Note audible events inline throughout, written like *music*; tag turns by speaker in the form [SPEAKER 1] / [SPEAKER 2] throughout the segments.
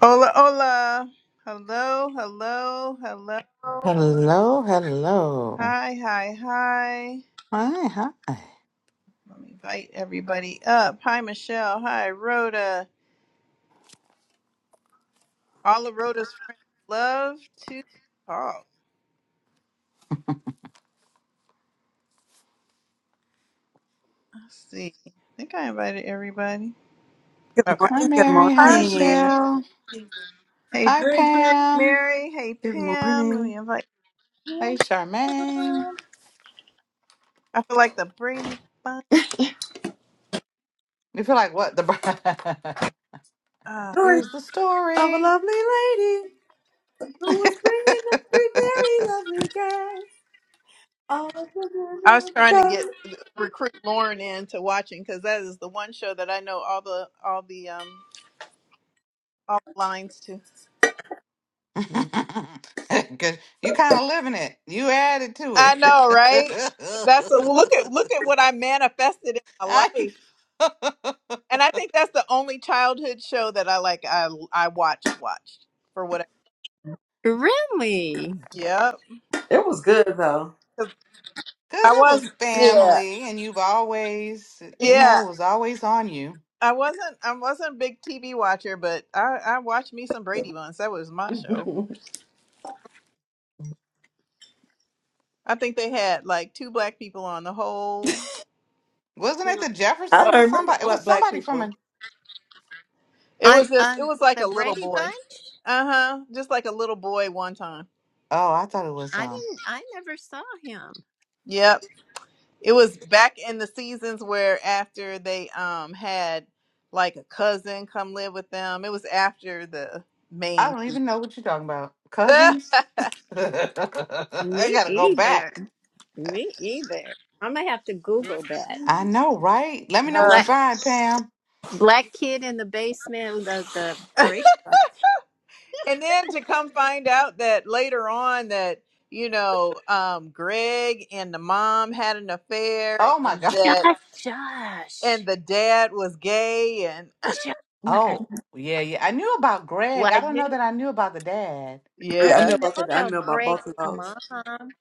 [SPEAKER 1] Hola, hola. Hello, hello, hello.
[SPEAKER 2] Hello, hello.
[SPEAKER 1] Hi, hi, hi.
[SPEAKER 2] Hi, hi.
[SPEAKER 1] Let me invite everybody up. Hi, Michelle. Hi, Rhoda. All of Rhoda's friends love to talk. Let's see. I think I invited everybody.
[SPEAKER 3] Good
[SPEAKER 1] Okay.
[SPEAKER 2] Hi,
[SPEAKER 3] morning. Good
[SPEAKER 2] Mary. Hi,
[SPEAKER 1] Hi, Mary.
[SPEAKER 3] morning.
[SPEAKER 2] Michelle.
[SPEAKER 1] Hey,
[SPEAKER 2] Hi,
[SPEAKER 1] Bridget.
[SPEAKER 2] Pam.
[SPEAKER 1] Mary. Hey,
[SPEAKER 3] Good
[SPEAKER 1] Pam. Let
[SPEAKER 3] morning.
[SPEAKER 1] me invite
[SPEAKER 2] Hey,
[SPEAKER 1] Pam.
[SPEAKER 2] Charmaine.
[SPEAKER 1] I feel like the Brady Bunch.
[SPEAKER 2] You feel like what? The bride.
[SPEAKER 1] Ah.
[SPEAKER 2] *laughs*
[SPEAKER 3] Story
[SPEAKER 2] Here's the
[SPEAKER 3] of a
[SPEAKER 2] story.
[SPEAKER 3] lovely lady who
[SPEAKER 2] *laughs*
[SPEAKER 3] was bringing up three very lovely girls. All of them
[SPEAKER 1] I was trying to
[SPEAKER 3] were
[SPEAKER 1] get uh, recruit Lauren into watching because that is the one show that I know all the all the um all the lines to.
[SPEAKER 3] girls.
[SPEAKER 2] Cause you kind of living it. You added to
[SPEAKER 1] I
[SPEAKER 2] it.
[SPEAKER 1] know, right? That's a, look at look at what I manifested in my
[SPEAKER 2] *laughs* I
[SPEAKER 1] life,
[SPEAKER 2] know. *laughs*
[SPEAKER 1] and I think that's the only childhood show that I like. I I watched watched for what.
[SPEAKER 4] Really?
[SPEAKER 1] Yeah,
[SPEAKER 3] It was good though.
[SPEAKER 1] 'Cause
[SPEAKER 2] Cause
[SPEAKER 1] I
[SPEAKER 2] it was
[SPEAKER 1] was. Yeah,
[SPEAKER 2] family, and you've always, you
[SPEAKER 1] yeah.
[SPEAKER 2] know, it was always on you.
[SPEAKER 1] I wasn't. I wasn't a big TV watcher, but I I watched me some Brady once. That was
[SPEAKER 3] *laughs*
[SPEAKER 1] my show.
[SPEAKER 3] I
[SPEAKER 1] I think they had like two black people on the whole
[SPEAKER 2] Wasn't it the Jeffersons or
[SPEAKER 3] don't remember
[SPEAKER 2] somebody? It was
[SPEAKER 3] what black
[SPEAKER 2] somebody from a
[SPEAKER 3] people.
[SPEAKER 1] It
[SPEAKER 4] On
[SPEAKER 1] was just it
[SPEAKER 4] on
[SPEAKER 1] was like
[SPEAKER 4] the
[SPEAKER 1] a little
[SPEAKER 4] Brady
[SPEAKER 1] boy.
[SPEAKER 4] Bunch?
[SPEAKER 1] Uh-huh. Just like a little boy one time.
[SPEAKER 2] Oh, I thought it was
[SPEAKER 4] I
[SPEAKER 2] um.
[SPEAKER 4] didn't I never saw him.
[SPEAKER 1] Yep. It was back in the seasons where after they um had like a cousin come live with them. It was after the
[SPEAKER 2] I
[SPEAKER 1] main
[SPEAKER 2] don't even know what you're talking about.
[SPEAKER 1] *laughs*
[SPEAKER 2] Cousins. *laughs* I
[SPEAKER 4] Me
[SPEAKER 2] gotta go back.
[SPEAKER 4] either. Me either. I'm gonna have to Google that.
[SPEAKER 2] I know, right? Let me know what
[SPEAKER 1] Uh,
[SPEAKER 2] you
[SPEAKER 4] Black
[SPEAKER 2] find, Pam.
[SPEAKER 4] black kid in the basement of the Brady Bunch.
[SPEAKER 1] and then to come find out that later on that you know um Greg and the mom had an affair
[SPEAKER 2] Oh my
[SPEAKER 1] and
[SPEAKER 2] god.
[SPEAKER 4] Josh
[SPEAKER 1] that and
[SPEAKER 4] Josh.
[SPEAKER 1] the dad was gay and
[SPEAKER 4] Josh.
[SPEAKER 2] Oh yeah, yeah. I knew about
[SPEAKER 4] Well
[SPEAKER 2] Greg.
[SPEAKER 4] I
[SPEAKER 2] I don't know
[SPEAKER 4] knew
[SPEAKER 2] that I knew about the dad.
[SPEAKER 1] *laughs*
[SPEAKER 4] I
[SPEAKER 3] Yeah, I
[SPEAKER 1] yeah.
[SPEAKER 3] know
[SPEAKER 4] didn't
[SPEAKER 3] about
[SPEAKER 4] know
[SPEAKER 3] that. I
[SPEAKER 4] about
[SPEAKER 3] know about
[SPEAKER 4] Greg
[SPEAKER 3] both
[SPEAKER 4] and
[SPEAKER 3] of
[SPEAKER 4] the
[SPEAKER 3] those.
[SPEAKER 4] mom.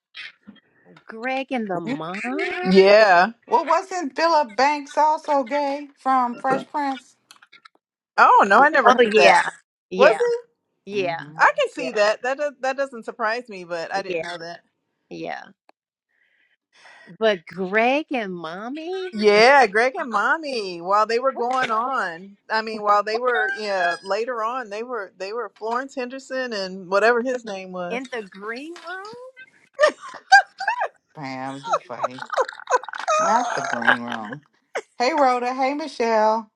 [SPEAKER 4] Greg and the mom? Oh
[SPEAKER 1] Yeah.
[SPEAKER 2] Well, wasn't Philip Banks also gay from Fresh Prince?
[SPEAKER 1] Oh no, I never heard that.
[SPEAKER 4] yeah.
[SPEAKER 1] Was he?
[SPEAKER 4] Yeah. Yeah.
[SPEAKER 2] Mm-hmm.
[SPEAKER 1] I can see
[SPEAKER 4] Yeah.
[SPEAKER 1] that. That does, that doesn't surprise me, but I didn't
[SPEAKER 4] Yeah.
[SPEAKER 1] know that.
[SPEAKER 4] Yeah. But Greg and mommy?
[SPEAKER 1] Yeah, Greg and Mommy, while they were going on, I mean, while they were, yeah, later on, they were they were Florence Henderson and whatever his name was.
[SPEAKER 4] in the green room.
[SPEAKER 2] Pam, you funny. Not the
[SPEAKER 4] Uh,
[SPEAKER 2] green room. Hey, Rhoda. Hey, Michelle.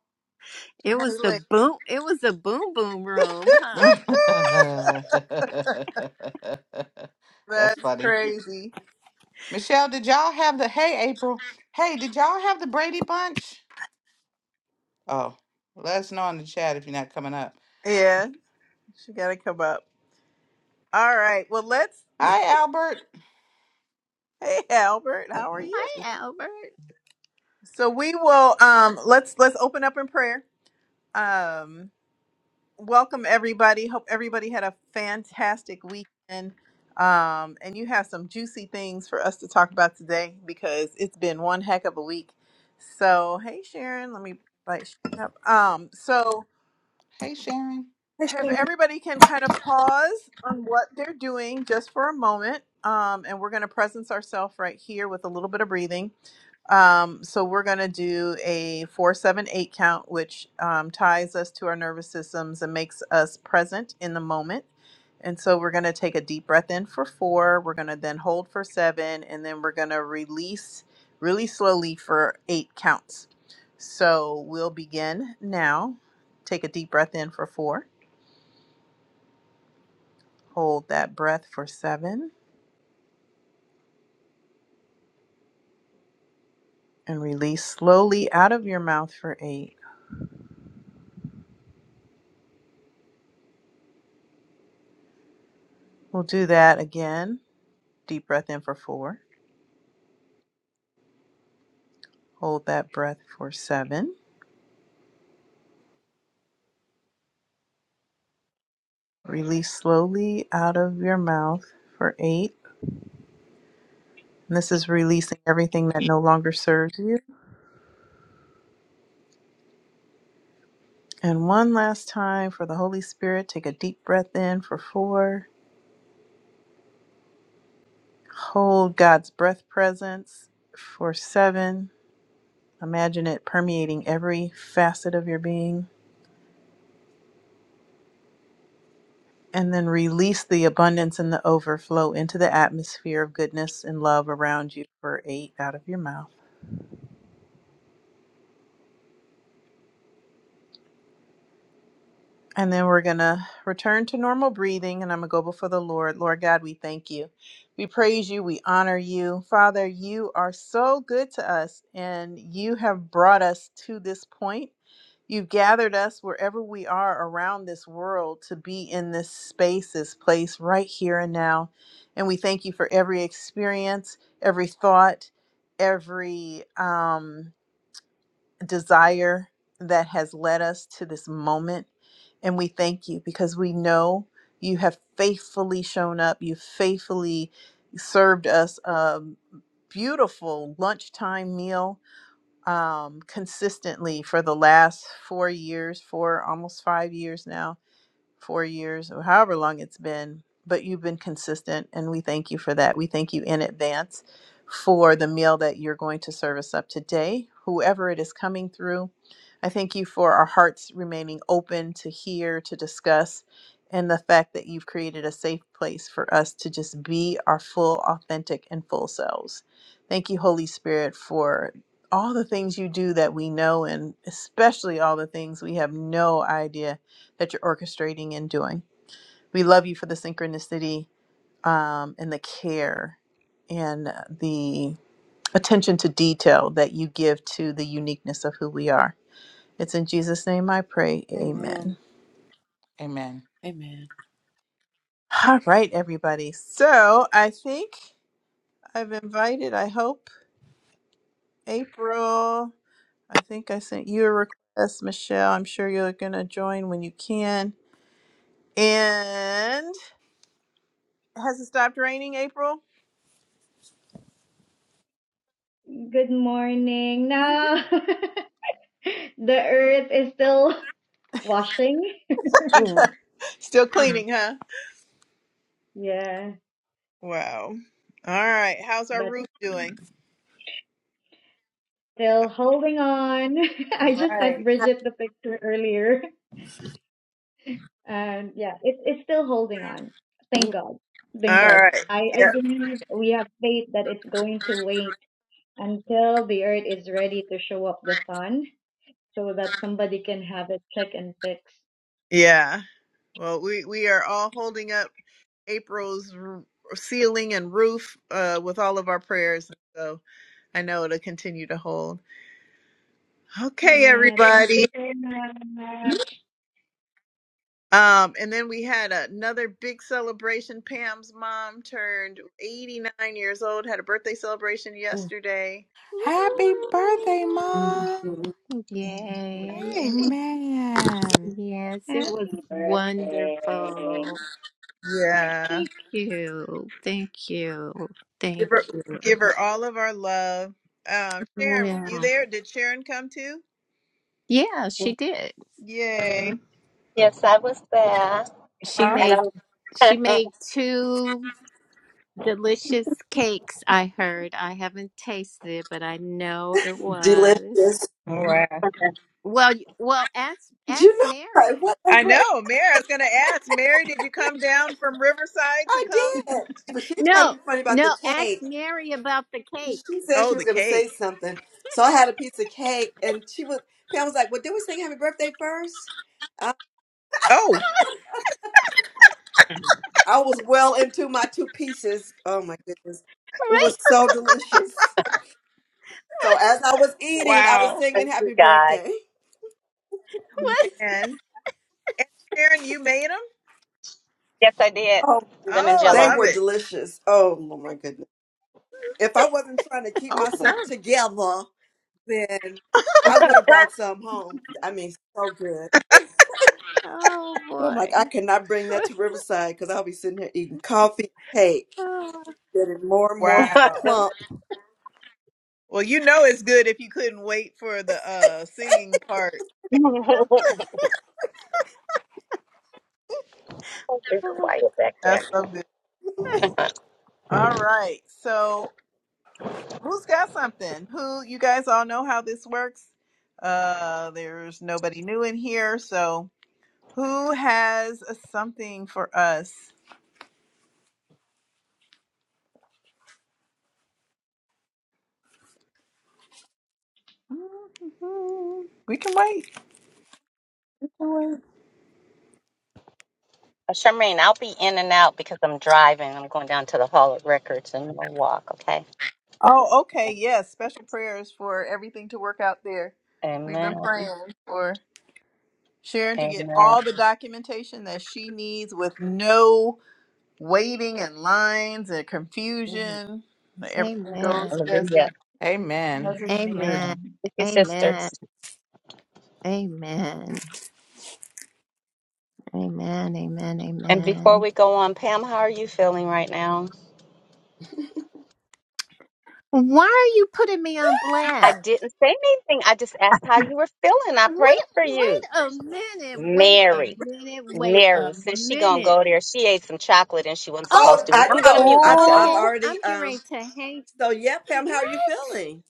[SPEAKER 4] It was
[SPEAKER 1] Haley.
[SPEAKER 4] the boom. It was the boom boom
[SPEAKER 1] *laughs*
[SPEAKER 4] room, huh?
[SPEAKER 2] *laughs* That's
[SPEAKER 1] That's
[SPEAKER 2] funny.
[SPEAKER 1] crazy.
[SPEAKER 2] Michelle, did y'all have the hey April? Hey, did y'all have the Brady Bunch? Oh, let us know in the chat if you're not coming up.
[SPEAKER 1] Yeah, she got to come up. All right. Well, let's.
[SPEAKER 2] Hi, Albert.
[SPEAKER 1] Hey, Albert, how are you?
[SPEAKER 4] Hi, Albert.
[SPEAKER 1] So we will. Um, let's let's open up in prayer. Um, welcome everybody. Hope everybody had a fantastic weekend. Um, and you have some juicy things for us to talk about today because it's been one heck of a week. So, hey Sharon, let me invite Sharon up. Um, so
[SPEAKER 2] Hey, Sharon.
[SPEAKER 3] Hey,
[SPEAKER 1] if
[SPEAKER 3] Sharon.
[SPEAKER 1] everybody can kind of pause on what they're doing just for a moment, um, and we're going to presence ourselves right here with a little bit of breathing. Um, so we're going to do a four, seven, eight count, which um, ties us to our nervous systems and makes us present in the moment. And so we're going to take a deep breath in for four. We're going to then hold for seven, and then we're going to release really slowly for eight counts. So we'll begin now. Take a deep breath in for four Hold that breath for seven and release slowly out of your mouth for eight. We'll do that again. Deep breath in for four. Hold that breath for seven. Release slowly out of your mouth for eight. And this is releasing everything that no longer serves you. And one last time for the Holy Spirit, take a deep breath in for four. Hold God's breath presence for seven. Imagine it permeating every facet of your being. And then release the abundance and the overflow into the atmosphere of goodness and love around you for eight out of your mouth. And then we're going to return to normal breathing, and I'm going to go before the Lord. Lord God, we thank you. We praise you. We honor you. Father, you are so good to us, and you have brought us to this point. You've gathered us wherever we are around this world to be in this space, this place right here and now. And we thank you for every experience, every thought, every. Um, desire that has led us to this moment. And we thank you because we know you have faithfully shown up. You faithfully served us a beautiful lunchtime meal um, consistently for the last four years, for almost five years now four years or however long it's been, but you've been consistent and we thank you for that. We thank you in advance for the meal that you're going to serve us up today, whoever it is coming through. I thank you for our hearts remaining open to hear, to discuss, and the fact that you've created a safe place for us to just be our full, authentic, and full selves. Thank you, Holy Spirit, for all the things you do that we know, and especially all the things we have no idea that you're orchestrating and doing. We love you for the synchronicity um, and the care and the attention to detail that you give to the uniqueness of who we are. It's in Jesus' name I pray. Amen.
[SPEAKER 3] Amen.
[SPEAKER 2] Amen.
[SPEAKER 3] Amen.
[SPEAKER 1] All right, everybody. So I think I've invited, I hope, April. I think I sent you a request, Michelle. I'm sure you're going to join when you can. And has it stopped raining, April?
[SPEAKER 5] Good morning.
[SPEAKER 1] *laughs*
[SPEAKER 5] Now *laughs* the earth is still washing.
[SPEAKER 3] Mm,
[SPEAKER 1] Still cleaning, huh?
[SPEAKER 5] Yeah,
[SPEAKER 1] Wow. All right. How's our
[SPEAKER 5] but
[SPEAKER 1] roof doing?
[SPEAKER 5] still holding on. *laughs*
[SPEAKER 1] All
[SPEAKER 5] I just sent
[SPEAKER 1] right.
[SPEAKER 5] Bridget the picture earlier. And yeah, it, it's still holding on. Thank God. Thank
[SPEAKER 1] All right.
[SPEAKER 5] God. I,
[SPEAKER 1] Yeah.
[SPEAKER 5] I believe we have faith that it's going to wait until the earth is ready to show up the sun so that somebody can have it check and fix.
[SPEAKER 1] Yeah. Well, we we are all holding up April's r- ceiling and roof uh, with all of our prayers. So I know it'll continue to hold. Okay,
[SPEAKER 5] Yeah, thank
[SPEAKER 1] everybody.
[SPEAKER 5] you so much.
[SPEAKER 1] Um, and then we had another big celebration. Pam's mom turned 89 years old, had a birthday celebration
[SPEAKER 3] mm,
[SPEAKER 1] yesterday.
[SPEAKER 2] Happy
[SPEAKER 4] Woo.
[SPEAKER 2] birthday, Mom.
[SPEAKER 3] mm,
[SPEAKER 4] Yay!
[SPEAKER 2] Amen.
[SPEAKER 4] Yes, it was
[SPEAKER 5] Happy birthday.
[SPEAKER 4] wonderful.
[SPEAKER 1] Yeah.
[SPEAKER 4] Thank you. Thank you.
[SPEAKER 1] Give
[SPEAKER 4] Thank
[SPEAKER 1] her,
[SPEAKER 4] you.
[SPEAKER 1] give her all of our love. Um, Sharon, were you
[SPEAKER 4] Well,
[SPEAKER 1] there? Did Sharon come too?
[SPEAKER 4] yeah, she
[SPEAKER 3] mm.
[SPEAKER 4] did.
[SPEAKER 1] Yay.
[SPEAKER 6] Yes, I was there.
[SPEAKER 4] She
[SPEAKER 1] Awesome.
[SPEAKER 6] And
[SPEAKER 4] made
[SPEAKER 6] I'm
[SPEAKER 4] she
[SPEAKER 6] *laughs* thank
[SPEAKER 4] made two delicious cakes. I heard. I haven't tasted it, but I know it was.
[SPEAKER 3] Delicious.
[SPEAKER 1] All right.
[SPEAKER 4] Well, y- well, ask ask
[SPEAKER 3] You know, like
[SPEAKER 4] Mary.
[SPEAKER 1] I
[SPEAKER 3] whatever.
[SPEAKER 1] know. Mary, I was going to ask, Mary, did you come down from Riverside to
[SPEAKER 3] I
[SPEAKER 1] come?
[SPEAKER 3] did. But she's trying to
[SPEAKER 4] No,
[SPEAKER 3] be funny about
[SPEAKER 4] no,
[SPEAKER 3] the
[SPEAKER 4] ask
[SPEAKER 3] cake.
[SPEAKER 4] Mary about the
[SPEAKER 3] And
[SPEAKER 4] cake. *laughs*
[SPEAKER 3] She said she
[SPEAKER 1] Oh,
[SPEAKER 3] was
[SPEAKER 1] the
[SPEAKER 3] going to
[SPEAKER 1] cake.
[SPEAKER 3] say something. So I had a piece of cake, and she was, Pam was like, Well, did we sing happy birthday first? I,
[SPEAKER 1] Oh,
[SPEAKER 3] I was well into my two pieces. Oh my goodness. It
[SPEAKER 4] Right?
[SPEAKER 3] was so delicious. So
[SPEAKER 4] What?
[SPEAKER 3] as I was eating, I was
[SPEAKER 1] wow.
[SPEAKER 3] singing
[SPEAKER 6] you
[SPEAKER 3] happy
[SPEAKER 6] guys.
[SPEAKER 3] birthday.
[SPEAKER 1] Man.
[SPEAKER 4] What?
[SPEAKER 1] And Sharon, you made them?
[SPEAKER 6] Yes, I did.
[SPEAKER 3] Oh my
[SPEAKER 6] Lemon
[SPEAKER 3] goodness.
[SPEAKER 1] Oh, I
[SPEAKER 6] jello.
[SPEAKER 3] They
[SPEAKER 1] love
[SPEAKER 3] were
[SPEAKER 1] it.
[SPEAKER 3] delicious. Oh my goodness. If I wasn't trying to keep
[SPEAKER 6] *laughs*
[SPEAKER 3] myself
[SPEAKER 1] Okay.
[SPEAKER 3] together, then I would have brought some home. I mean, so good.
[SPEAKER 4] Oh
[SPEAKER 3] But I'm
[SPEAKER 4] boy.
[SPEAKER 3] like, I cannot bring that to Riverside because I'll be sitting here eating coffee, cake,
[SPEAKER 4] *laughs*
[SPEAKER 3] getting more and more
[SPEAKER 6] it's
[SPEAKER 1] Wow.
[SPEAKER 3] plump.
[SPEAKER 1] Well, you know it's good if you couldn't wait for the uh singing part.
[SPEAKER 4] Oh.
[SPEAKER 6] quiet back
[SPEAKER 1] That's
[SPEAKER 6] there.
[SPEAKER 1] so good. All right. So Who's got something? Who you guys all know how this works? Uh there's nobody new in here, so who has a something for us? We can wait. We can wait.
[SPEAKER 6] Uh, *laughs* Charmaine, I'll be in and out because I'm driving. I'm going down to the Hall of Records and we'll walk, okay?
[SPEAKER 1] Oh, okay. Yes, special prayers for everything to work out there. We've
[SPEAKER 6] Amen.
[SPEAKER 1] been praying for Sharon to get
[SPEAKER 6] Amen.
[SPEAKER 1] all the documentation that she needs with no waiting and lines and
[SPEAKER 3] Mm. *laughs*
[SPEAKER 1] confusion. That Everything
[SPEAKER 4] Amen.
[SPEAKER 1] goes as
[SPEAKER 6] Hallelujah.
[SPEAKER 1] it
[SPEAKER 5] *laughs*
[SPEAKER 2] Amen.
[SPEAKER 1] as it should.
[SPEAKER 5] Amen.
[SPEAKER 4] Amen.
[SPEAKER 6] Amen. Thank you,
[SPEAKER 4] Amen.
[SPEAKER 6] sisters.
[SPEAKER 4] Amen. Amen. Amen.
[SPEAKER 6] And before
[SPEAKER 4] Amen.
[SPEAKER 6] we go on, Pam, how are you feeling right now?
[SPEAKER 4] Why are you putting me on
[SPEAKER 6] I
[SPEAKER 4] blast?
[SPEAKER 6] didn't say anything. I just asked how you were feeling. I
[SPEAKER 4] What?
[SPEAKER 6] prayed for you.
[SPEAKER 4] Wait a minute. Wait a
[SPEAKER 6] Mary.
[SPEAKER 4] minute. Wait a
[SPEAKER 6] Mary, since she gonna
[SPEAKER 4] minute.
[SPEAKER 6] go there, she ate some chocolate and she wasn't
[SPEAKER 4] Oh,
[SPEAKER 6] supposed
[SPEAKER 3] Oh,
[SPEAKER 6] to.
[SPEAKER 3] I
[SPEAKER 6] I'm
[SPEAKER 4] what?
[SPEAKER 6] gonna
[SPEAKER 3] know.
[SPEAKER 6] mute
[SPEAKER 3] I've
[SPEAKER 6] myself.
[SPEAKER 3] I've
[SPEAKER 4] Okay,
[SPEAKER 1] Ooh.
[SPEAKER 4] I'm
[SPEAKER 3] already.
[SPEAKER 4] getting ready
[SPEAKER 3] Um.
[SPEAKER 4] to hang.
[SPEAKER 3] So yeah, Pam, how are you
[SPEAKER 4] What?
[SPEAKER 3] feeling?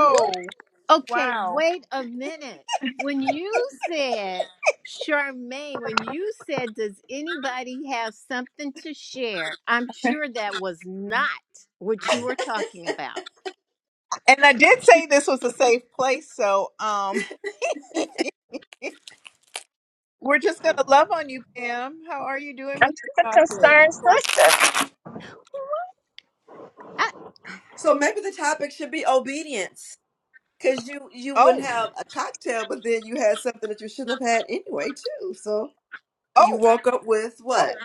[SPEAKER 4] What? Okay,
[SPEAKER 1] wow.
[SPEAKER 4] wait a minute. When you said, Charmaine, when you said, does anybody have something to share? I'm sure that was not what you were talking about.
[SPEAKER 1] And I did say this was a safe place, so um *laughs* we're just gonna love on you, Pam. How are you doing
[SPEAKER 6] I'm
[SPEAKER 1] with
[SPEAKER 6] just
[SPEAKER 1] the
[SPEAKER 6] a
[SPEAKER 1] chocolate?
[SPEAKER 6] concerned sister.
[SPEAKER 4] *laughs*
[SPEAKER 3] So maybe the topic should be obedience, because you you wouldn't
[SPEAKER 1] Oh,
[SPEAKER 3] have a cocktail, but then you had something that you shouldn't have had anyway, too. So you
[SPEAKER 1] oh,
[SPEAKER 3] woke up with
[SPEAKER 1] oh,
[SPEAKER 3] what?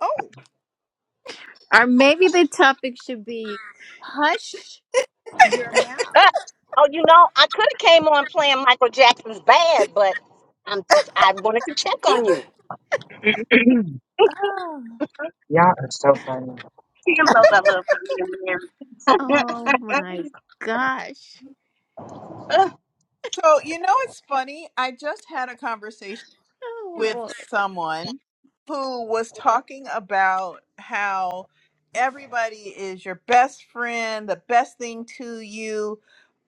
[SPEAKER 1] oh.
[SPEAKER 4] I- or maybe the topic should be hush your mouth.
[SPEAKER 6] Ah, oh, you know, I could have came on playing Michael Jackson's "Bad," but I'm just I wanted to check on you.
[SPEAKER 7] *clears throat*
[SPEAKER 1] Ah.
[SPEAKER 7] Y'all are so funny.
[SPEAKER 6] Tim knows I love her, me and
[SPEAKER 4] Oh
[SPEAKER 6] Mary.
[SPEAKER 4] my gosh.
[SPEAKER 6] *laughs*
[SPEAKER 1] So you know it's funny. I just had a conversation.
[SPEAKER 4] Oh
[SPEAKER 1] with
[SPEAKER 4] boy.
[SPEAKER 1] someone who was talking about how everybody is your best friend, the best thing to you.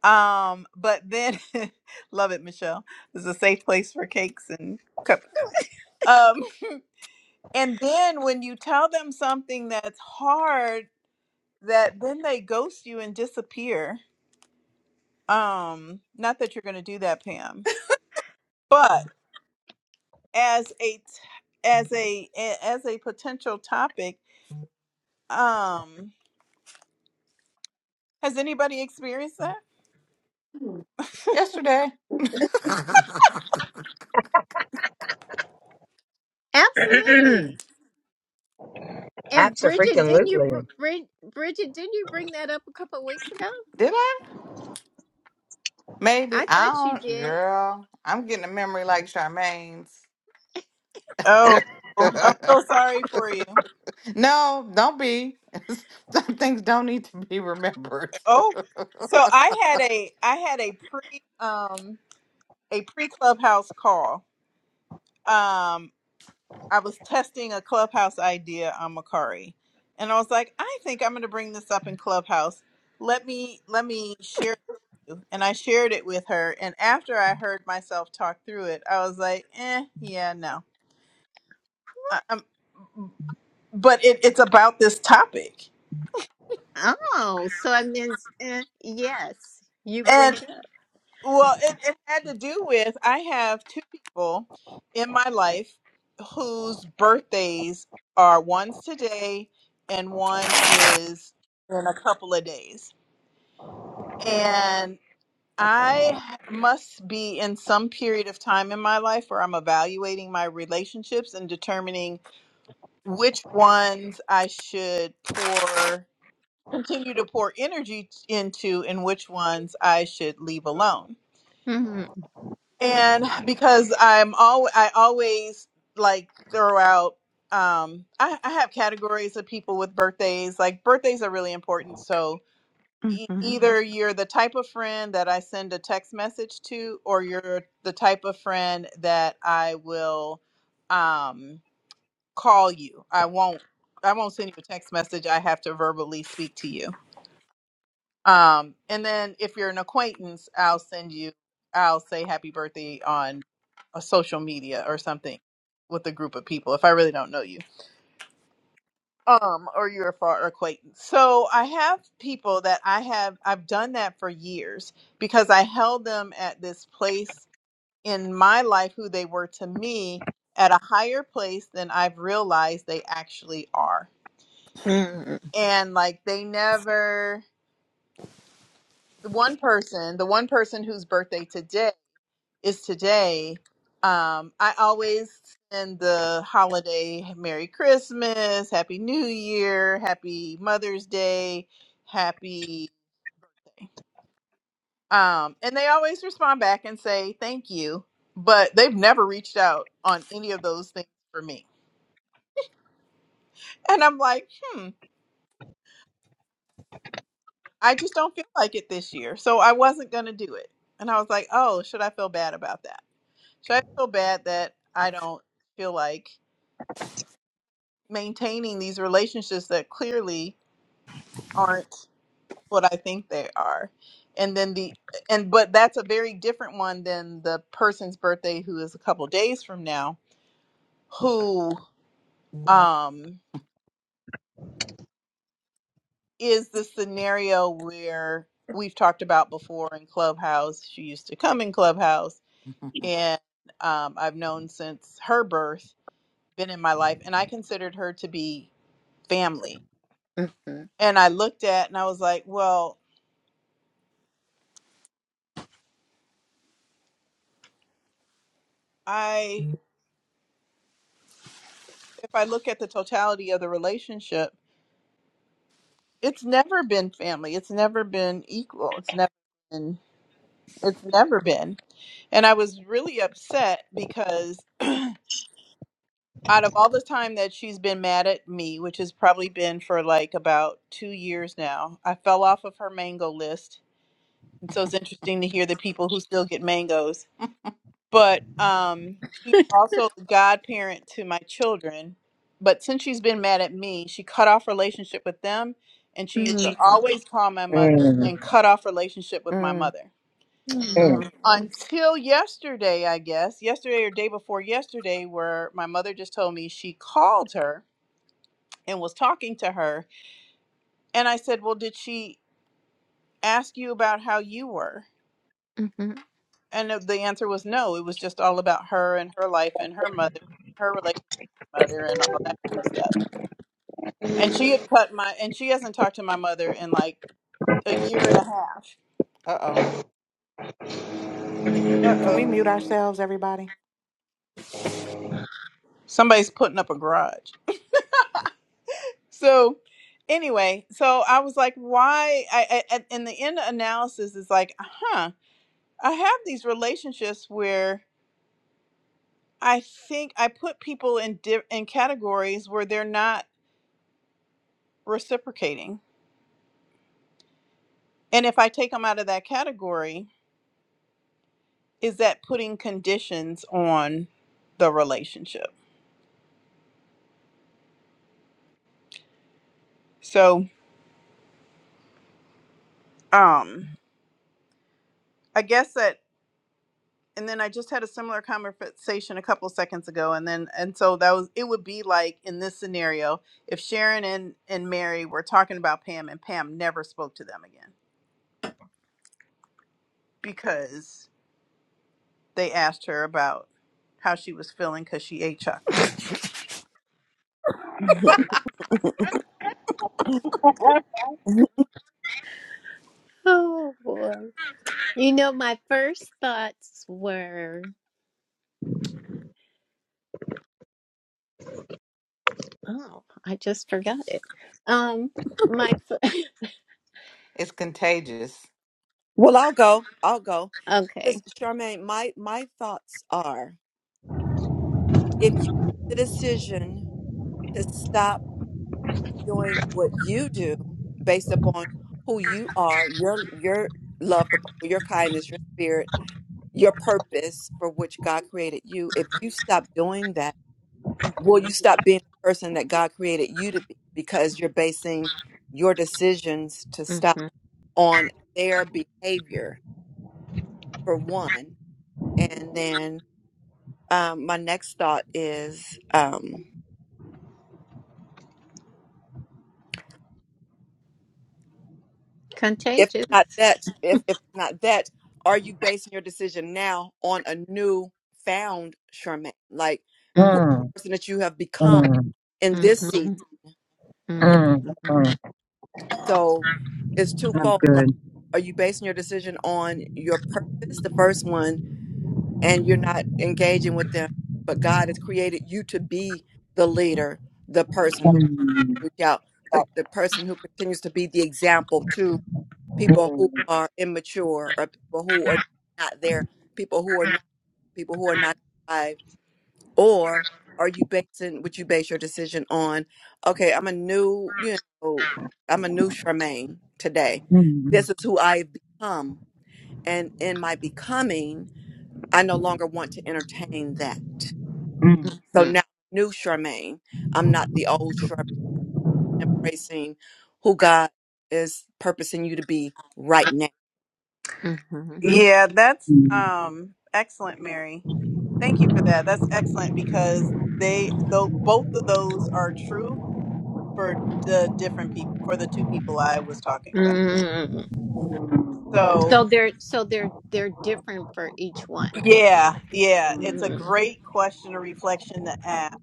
[SPEAKER 1] Um, but then *laughs* love it, Michelle. This is a safe place for cakes and cupcakes. Um, and then when you tell them something that's hard, that then they ghost you and disappear. Um, not that you're gonna do that, Pam, but as a t- as a a- as a potential topic Um, has anybody experienced that?
[SPEAKER 3] *laughs*
[SPEAKER 2] Yesterday. *laughs*
[SPEAKER 7] *clears throat*
[SPEAKER 4] Absolutely. And Bridget, didn't you br-
[SPEAKER 7] Absolutely.
[SPEAKER 4] bring Bridget, didn't you bring that up a couple of weeks ago?
[SPEAKER 2] Did I? Maybe.
[SPEAKER 4] I thought you
[SPEAKER 2] I don't
[SPEAKER 4] did.
[SPEAKER 2] girl. I'm getting a memory like Charmaine's.
[SPEAKER 1] Oh, I'm so sorry for you.
[SPEAKER 2] *laughs* no, don't be. *laughs* Some things don't need to be remembered.
[SPEAKER 1] Oh, so I had a I had a pre um a pre clubhouse call. Um, I was testing a clubhouse idea on Macari, and I was like, I think I'm going to bring this up in clubhouse. Let me let me share, and I shared it with her. And after I heard myself talk through it, I was like, eh, yeah, no. I, i but it, it's about this topic
[SPEAKER 4] Oh, so I meant eh, yes. You bring it up.
[SPEAKER 1] Well, it, it had to do with I have two people in my life whose birthdays are one's today and one is in a couple of days. And I must be in some period of time in my life where I'm evaluating my relationships and determining which ones I should pour continue to pour energy into and which ones I should leave alone
[SPEAKER 4] hmm
[SPEAKER 1] and because I'm all I always like throw out um I, I have categories of people with birthdays like birthdays are really important so e-
[SPEAKER 4] hmm
[SPEAKER 1] either you're the type of friend that I send a text message to or you're the type of friend that I will um call you I won't I won't send you a text message I have to verbally speak to you um and then if you're an acquaintance I'll send you I'll say happy birthday on a social media or something with a group of people if I really don't know you. Um, or you're a far acquaintance. So I have people that I have I've done that for years because I held them at this place in my life who they were to me at a higher place than I've realized they actually are.
[SPEAKER 4] hmm
[SPEAKER 1] And like they never the one person, the one person whose birthday today is today. Um, I always send the holiday Merry Christmas, Happy New Year, Happy Mother's Day, Happy. Um, and they always respond back and say thank you, but they've never reached out on any of those things for me. And I'm like, hmm, I just don't feel like it this year. So I wasn't going to do it. And I was like, oh, should I feel bad about that? Should I feel bad that I don't feel like maintaining these relationships that clearly aren't what I think they are. And then the and but that's a very different one than the person's birthday who is a couple days from now who um is the scenario where we've talked about before in Clubhouse. She used to come in Clubhouse
[SPEAKER 2] *laughs*
[SPEAKER 1] and um I've known since her birth, been in my life and I considered her to be family.
[SPEAKER 4] hmm
[SPEAKER 1] And I looked at and I was like, well, I if I look at the totality of the relationship, it's never been family. It's never been equal. It's never been. It's never been. And I was really upset because *clears throat* out of all the time that she's been mad at me, which has probably been for like about two years now, I fell off of her mango list. And so it's interesting to hear the people who still get mangoes but um she's also the godparent to my children but since she's been mad at me she cut off relationship with them and she used to always call my mother
[SPEAKER 7] Mm,
[SPEAKER 1] and cut off relationship with my mother
[SPEAKER 7] mm,
[SPEAKER 4] Mm. Oh.
[SPEAKER 1] until yesterday i guess yesterday or day before yesterday where my mother just told me she called her and was talking to her and i said well did she ask you about how you were
[SPEAKER 4] Mhm.
[SPEAKER 1] and the the answer was no it was just all about her and her life and her mother her relationship." mother and all that kind of stuff. And she had cut my and she hasn't talked to my mother in like a year and a half.
[SPEAKER 2] Uh oh.
[SPEAKER 1] Uh
[SPEAKER 2] Can
[SPEAKER 1] oh.
[SPEAKER 2] we mute ourselves, everybody?
[SPEAKER 1] Somebody's putting up a garage. So anyway, so I was like, why? I, I in the end analysis is like, huh? I have these relationships where I think I put people in di- in categories where they're not reciprocating, and if I take them out of that category, is that putting conditions on the relationship? So um i guess that and then i just had a similar conversation a couple seconds ago and then and so that was it would be like in this scenario if sharon and and mary were talking about pam and pam never spoke to them again because they asked her about how she was feeling because she ate chocolate
[SPEAKER 3] *laughs*
[SPEAKER 4] Oh, boy. You know, my first thoughts were, oh, I just forgot it. Um, my f-
[SPEAKER 2] It's contagious.
[SPEAKER 3] well, I'll go. I'll go.
[SPEAKER 4] *laughs* okay.
[SPEAKER 3] Because Charmaine, my my thoughts are if you make the decision to stop doing what you do based upon who you are, your your love for people, your kindness, your spirit, your purpose for which God created you, if you stop doing that will you
[SPEAKER 4] hmm
[SPEAKER 3] stop being the person that God created you to be because you're basing your decisions to stop
[SPEAKER 4] hmm
[SPEAKER 3] on their behavior for one. And then um, my next thought is um, if
[SPEAKER 4] Contagious.
[SPEAKER 3] not that, if, if not that, are you basing your decision now on a new found Charmaine? Like who
[SPEAKER 4] hmm
[SPEAKER 7] mm,
[SPEAKER 3] the person that you have become in
[SPEAKER 4] hmm
[SPEAKER 3] this season
[SPEAKER 4] hmm
[SPEAKER 3] now?
[SPEAKER 7] mm, mm, mm.
[SPEAKER 3] So it's
[SPEAKER 7] I'm
[SPEAKER 3] twofold. Like,
[SPEAKER 7] good.
[SPEAKER 3] are you basing your decision on your purpose? The first one, and you're not engaging with them. But God has created you to be the leader, the person who
[SPEAKER 7] Mm,
[SPEAKER 3] reach out, the, the person who continues to be the example to people who
[SPEAKER 7] mm,
[SPEAKER 3] are immature or people who are not there, people who are not people who are not alive. Or are you basing what you base your decision on? Okay, I'm a new, you know, I'm a new Charmaine today.
[SPEAKER 7] mm,
[SPEAKER 3] This is who I've become. And in my becoming, I no longer want to entertain that.
[SPEAKER 7] mm,
[SPEAKER 3] So
[SPEAKER 4] hmm
[SPEAKER 3] now, new Charmaine, I'm not the old Charmaine, embracing who God is purposing you to be right now.
[SPEAKER 4] hmm
[SPEAKER 1] yeah that's
[SPEAKER 7] mm,
[SPEAKER 1] um excellent mary thank you for that that's excellent because they though both of those are true for the different people for the two people i was talking about
[SPEAKER 4] hmm
[SPEAKER 3] Mm,
[SPEAKER 7] mm,
[SPEAKER 1] so
[SPEAKER 4] So they're so they're they're different for each one.
[SPEAKER 1] Yeah, yeah, it's a
[SPEAKER 7] mm.
[SPEAKER 4] Mm.
[SPEAKER 1] great question or reflection to ask.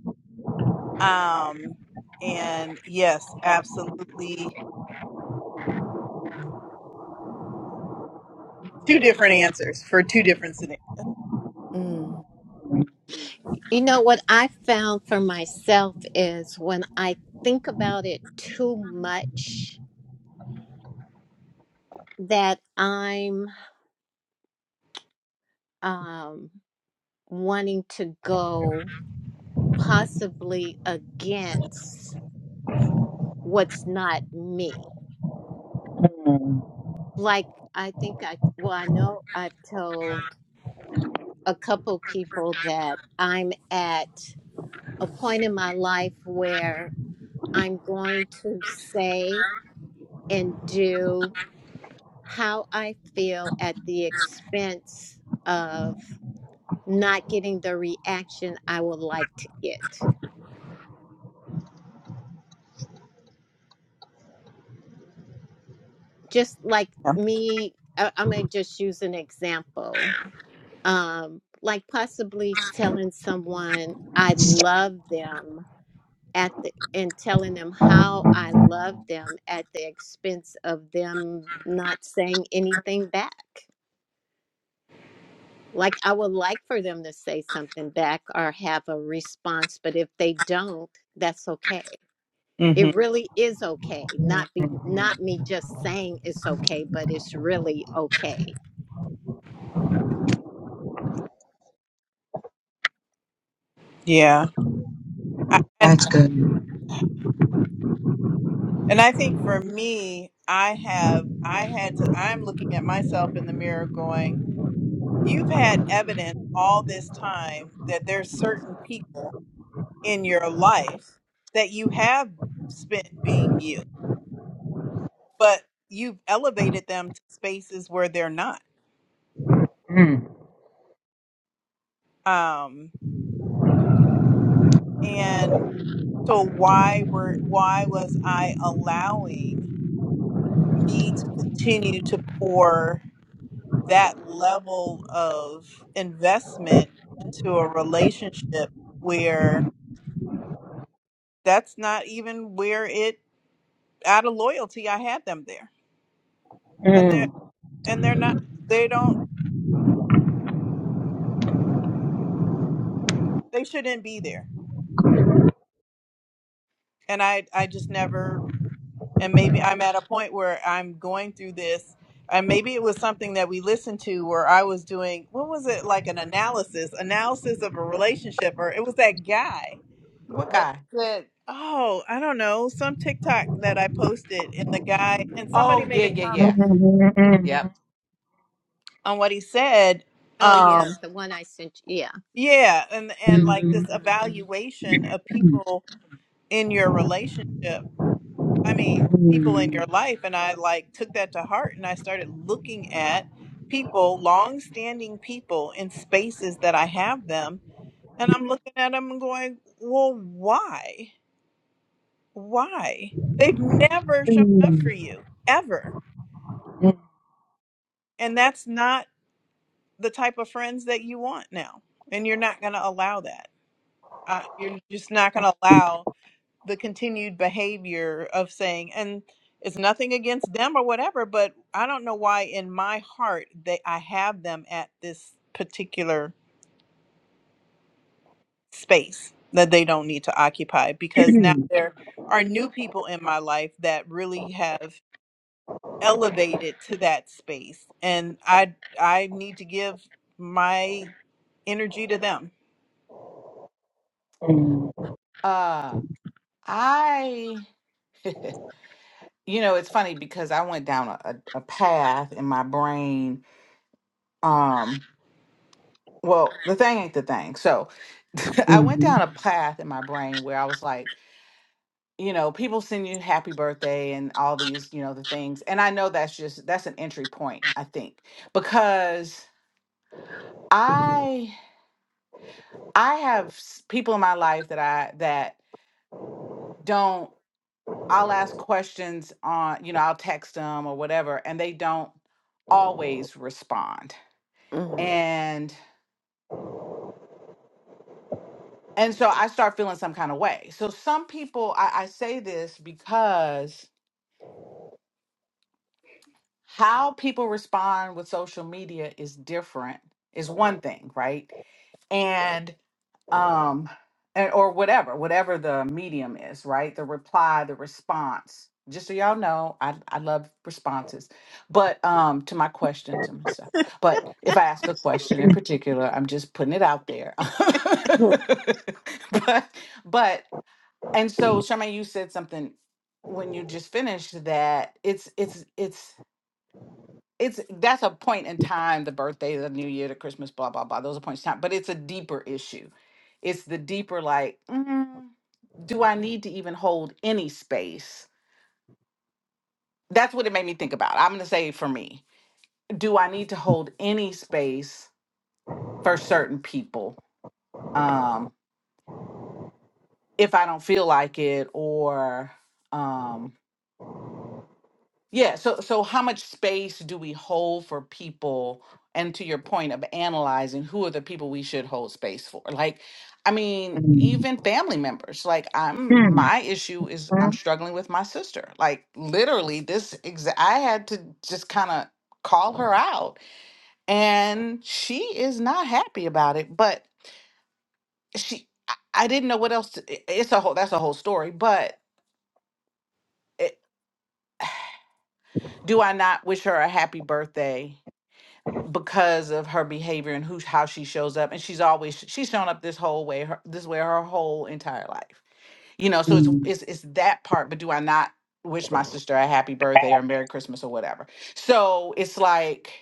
[SPEAKER 1] Um, and yes, absolutely, two different answers for two different scenarios.
[SPEAKER 3] mm,
[SPEAKER 4] You know what I found for myself is when I think about it too much that I'm um wanting to go possibly against what's not me. Like I think I well I know I've told a couple people that I'm at a point in my life where. I'm going to say and do how I feel at the expense of not getting the reaction I would like to get. Just like
[SPEAKER 1] Yeah,
[SPEAKER 4] me, I- I'm going to just use an example. Um, like possibly telling someone I love them at the and telling them how I love them at the expense of them not saying anything back. Like, I would like for them to say something back or have a response, but if they don't, that's okay.
[SPEAKER 1] hmm
[SPEAKER 4] It really is okay. Not be not me just saying it's okay, but it's really okay.
[SPEAKER 1] yeah, I, and
[SPEAKER 7] That's good.
[SPEAKER 1] and I think for me, I have I had to. I'm looking at myself in the mirror, going, "You've had evidence all this time that there's certain people in your life that you have spent being you." but you've elevated them to spaces where they're not
[SPEAKER 7] Mm,
[SPEAKER 1] um and so why were why was i allowing me to continue to pour that level of investment into a relationship where that's not even where it out of loyalty i had them there and
[SPEAKER 7] mm,
[SPEAKER 1] they're
[SPEAKER 7] mm,
[SPEAKER 1] and they're not they don't they shouldn't be there and i i just never and maybe I'm at a point where I'm going through this. And maybe it was something that we listened to where I was doing, what was it, like an analysis, analysis of a relationship, or it was that guy
[SPEAKER 2] What
[SPEAKER 1] that
[SPEAKER 2] guy?
[SPEAKER 1] said, Oh, I don't know, some TikTok that I posted, and the guy, and somebody
[SPEAKER 2] Oh,
[SPEAKER 1] made
[SPEAKER 2] yeah,
[SPEAKER 1] a
[SPEAKER 2] yeah,
[SPEAKER 1] comment
[SPEAKER 2] yeah.
[SPEAKER 7] mm,
[SPEAKER 2] Yep.
[SPEAKER 1] on what he said.
[SPEAKER 4] Oh
[SPEAKER 1] Um,
[SPEAKER 4] yeah, the one I sent you. Yeah.
[SPEAKER 1] yeah, and and like this
[SPEAKER 4] Mm-hmm.
[SPEAKER 7] mm,
[SPEAKER 1] evaluation of
[SPEAKER 7] mm, mm.
[SPEAKER 1] people in your relationship. I mean, people in your life. And I like took that to heart and I started looking at people, long standing people in spaces that I have them. And I'm looking at them and going, well, why? Why? They've never shown up for you ever. And that's not the type of friends that you want now. And you're not going to allow that. Uh, you're just not going to allow the continued behavior of saying and it's nothing against them or whatever but i don't know why in my heart they i have them at this particular space that they don't need to occupy because now
[SPEAKER 7] *clears throat*
[SPEAKER 1] there are new people in my life that really have elevated to that space and i i need to give my energy to them
[SPEAKER 7] Mm,
[SPEAKER 2] Uh, I, *laughs* you know, it's funny because I went down a, a, a path in my brain. Um, well, the thing ain't the thing. So *laughs* I went
[SPEAKER 7] mhm,
[SPEAKER 2] down a path in my brain where I was like, you know, people send you happy birthday and all these, you know, the things. And I know that's just, that's an entry point, I think, because. I I have s- people in my life that I that don't. I'll ask questions on, you know, I'll text them or whatever, and they don't always respond.
[SPEAKER 3] mm.
[SPEAKER 2] And and so I start feeling some kind of way. So some people, I, I say this because how people respond with social media is different, is one thing, right? And um and, or whatever whatever the medium is right the reply the response just so y'all know i i love responses but um to my questions and stuff but if i ask a question in
[SPEAKER 7] mm,
[SPEAKER 2] particular i'm just putting it out there *laughs* but but and so Charmaine, you said something when you just finished that it's it's it's it's that's a point in time the birthday the new year the christmas blah blah blah those are points in time but it's a deeper issue it's the deeper like mm, do i need to even hold any space that's what it made me think about i'm going to say for me do i need to hold any space for certain people um if i don't feel like it or um Yeah, so so how much space do we hold for people? And to your point of analyzing who are the people we should hold space for? Like, I mean, even family members. Like, I'm
[SPEAKER 7] mm,
[SPEAKER 2] my issue is
[SPEAKER 7] mm,
[SPEAKER 2] I'm struggling with my sister. Like, literally, this exa- I had to just kind of call her out, and she is not happy about it. But she, I I didn't know what else. To, it- it's a whole that's a whole story. But it, do I not wish her a happy birthday? because of her behavior and who how she shows up and she's always she's shown up this whole way her, this way her whole entire life you know so it's
[SPEAKER 7] mm.
[SPEAKER 2] it's it's that part but do i not wish my sister a happy birthday or merry christmas or whatever so it's like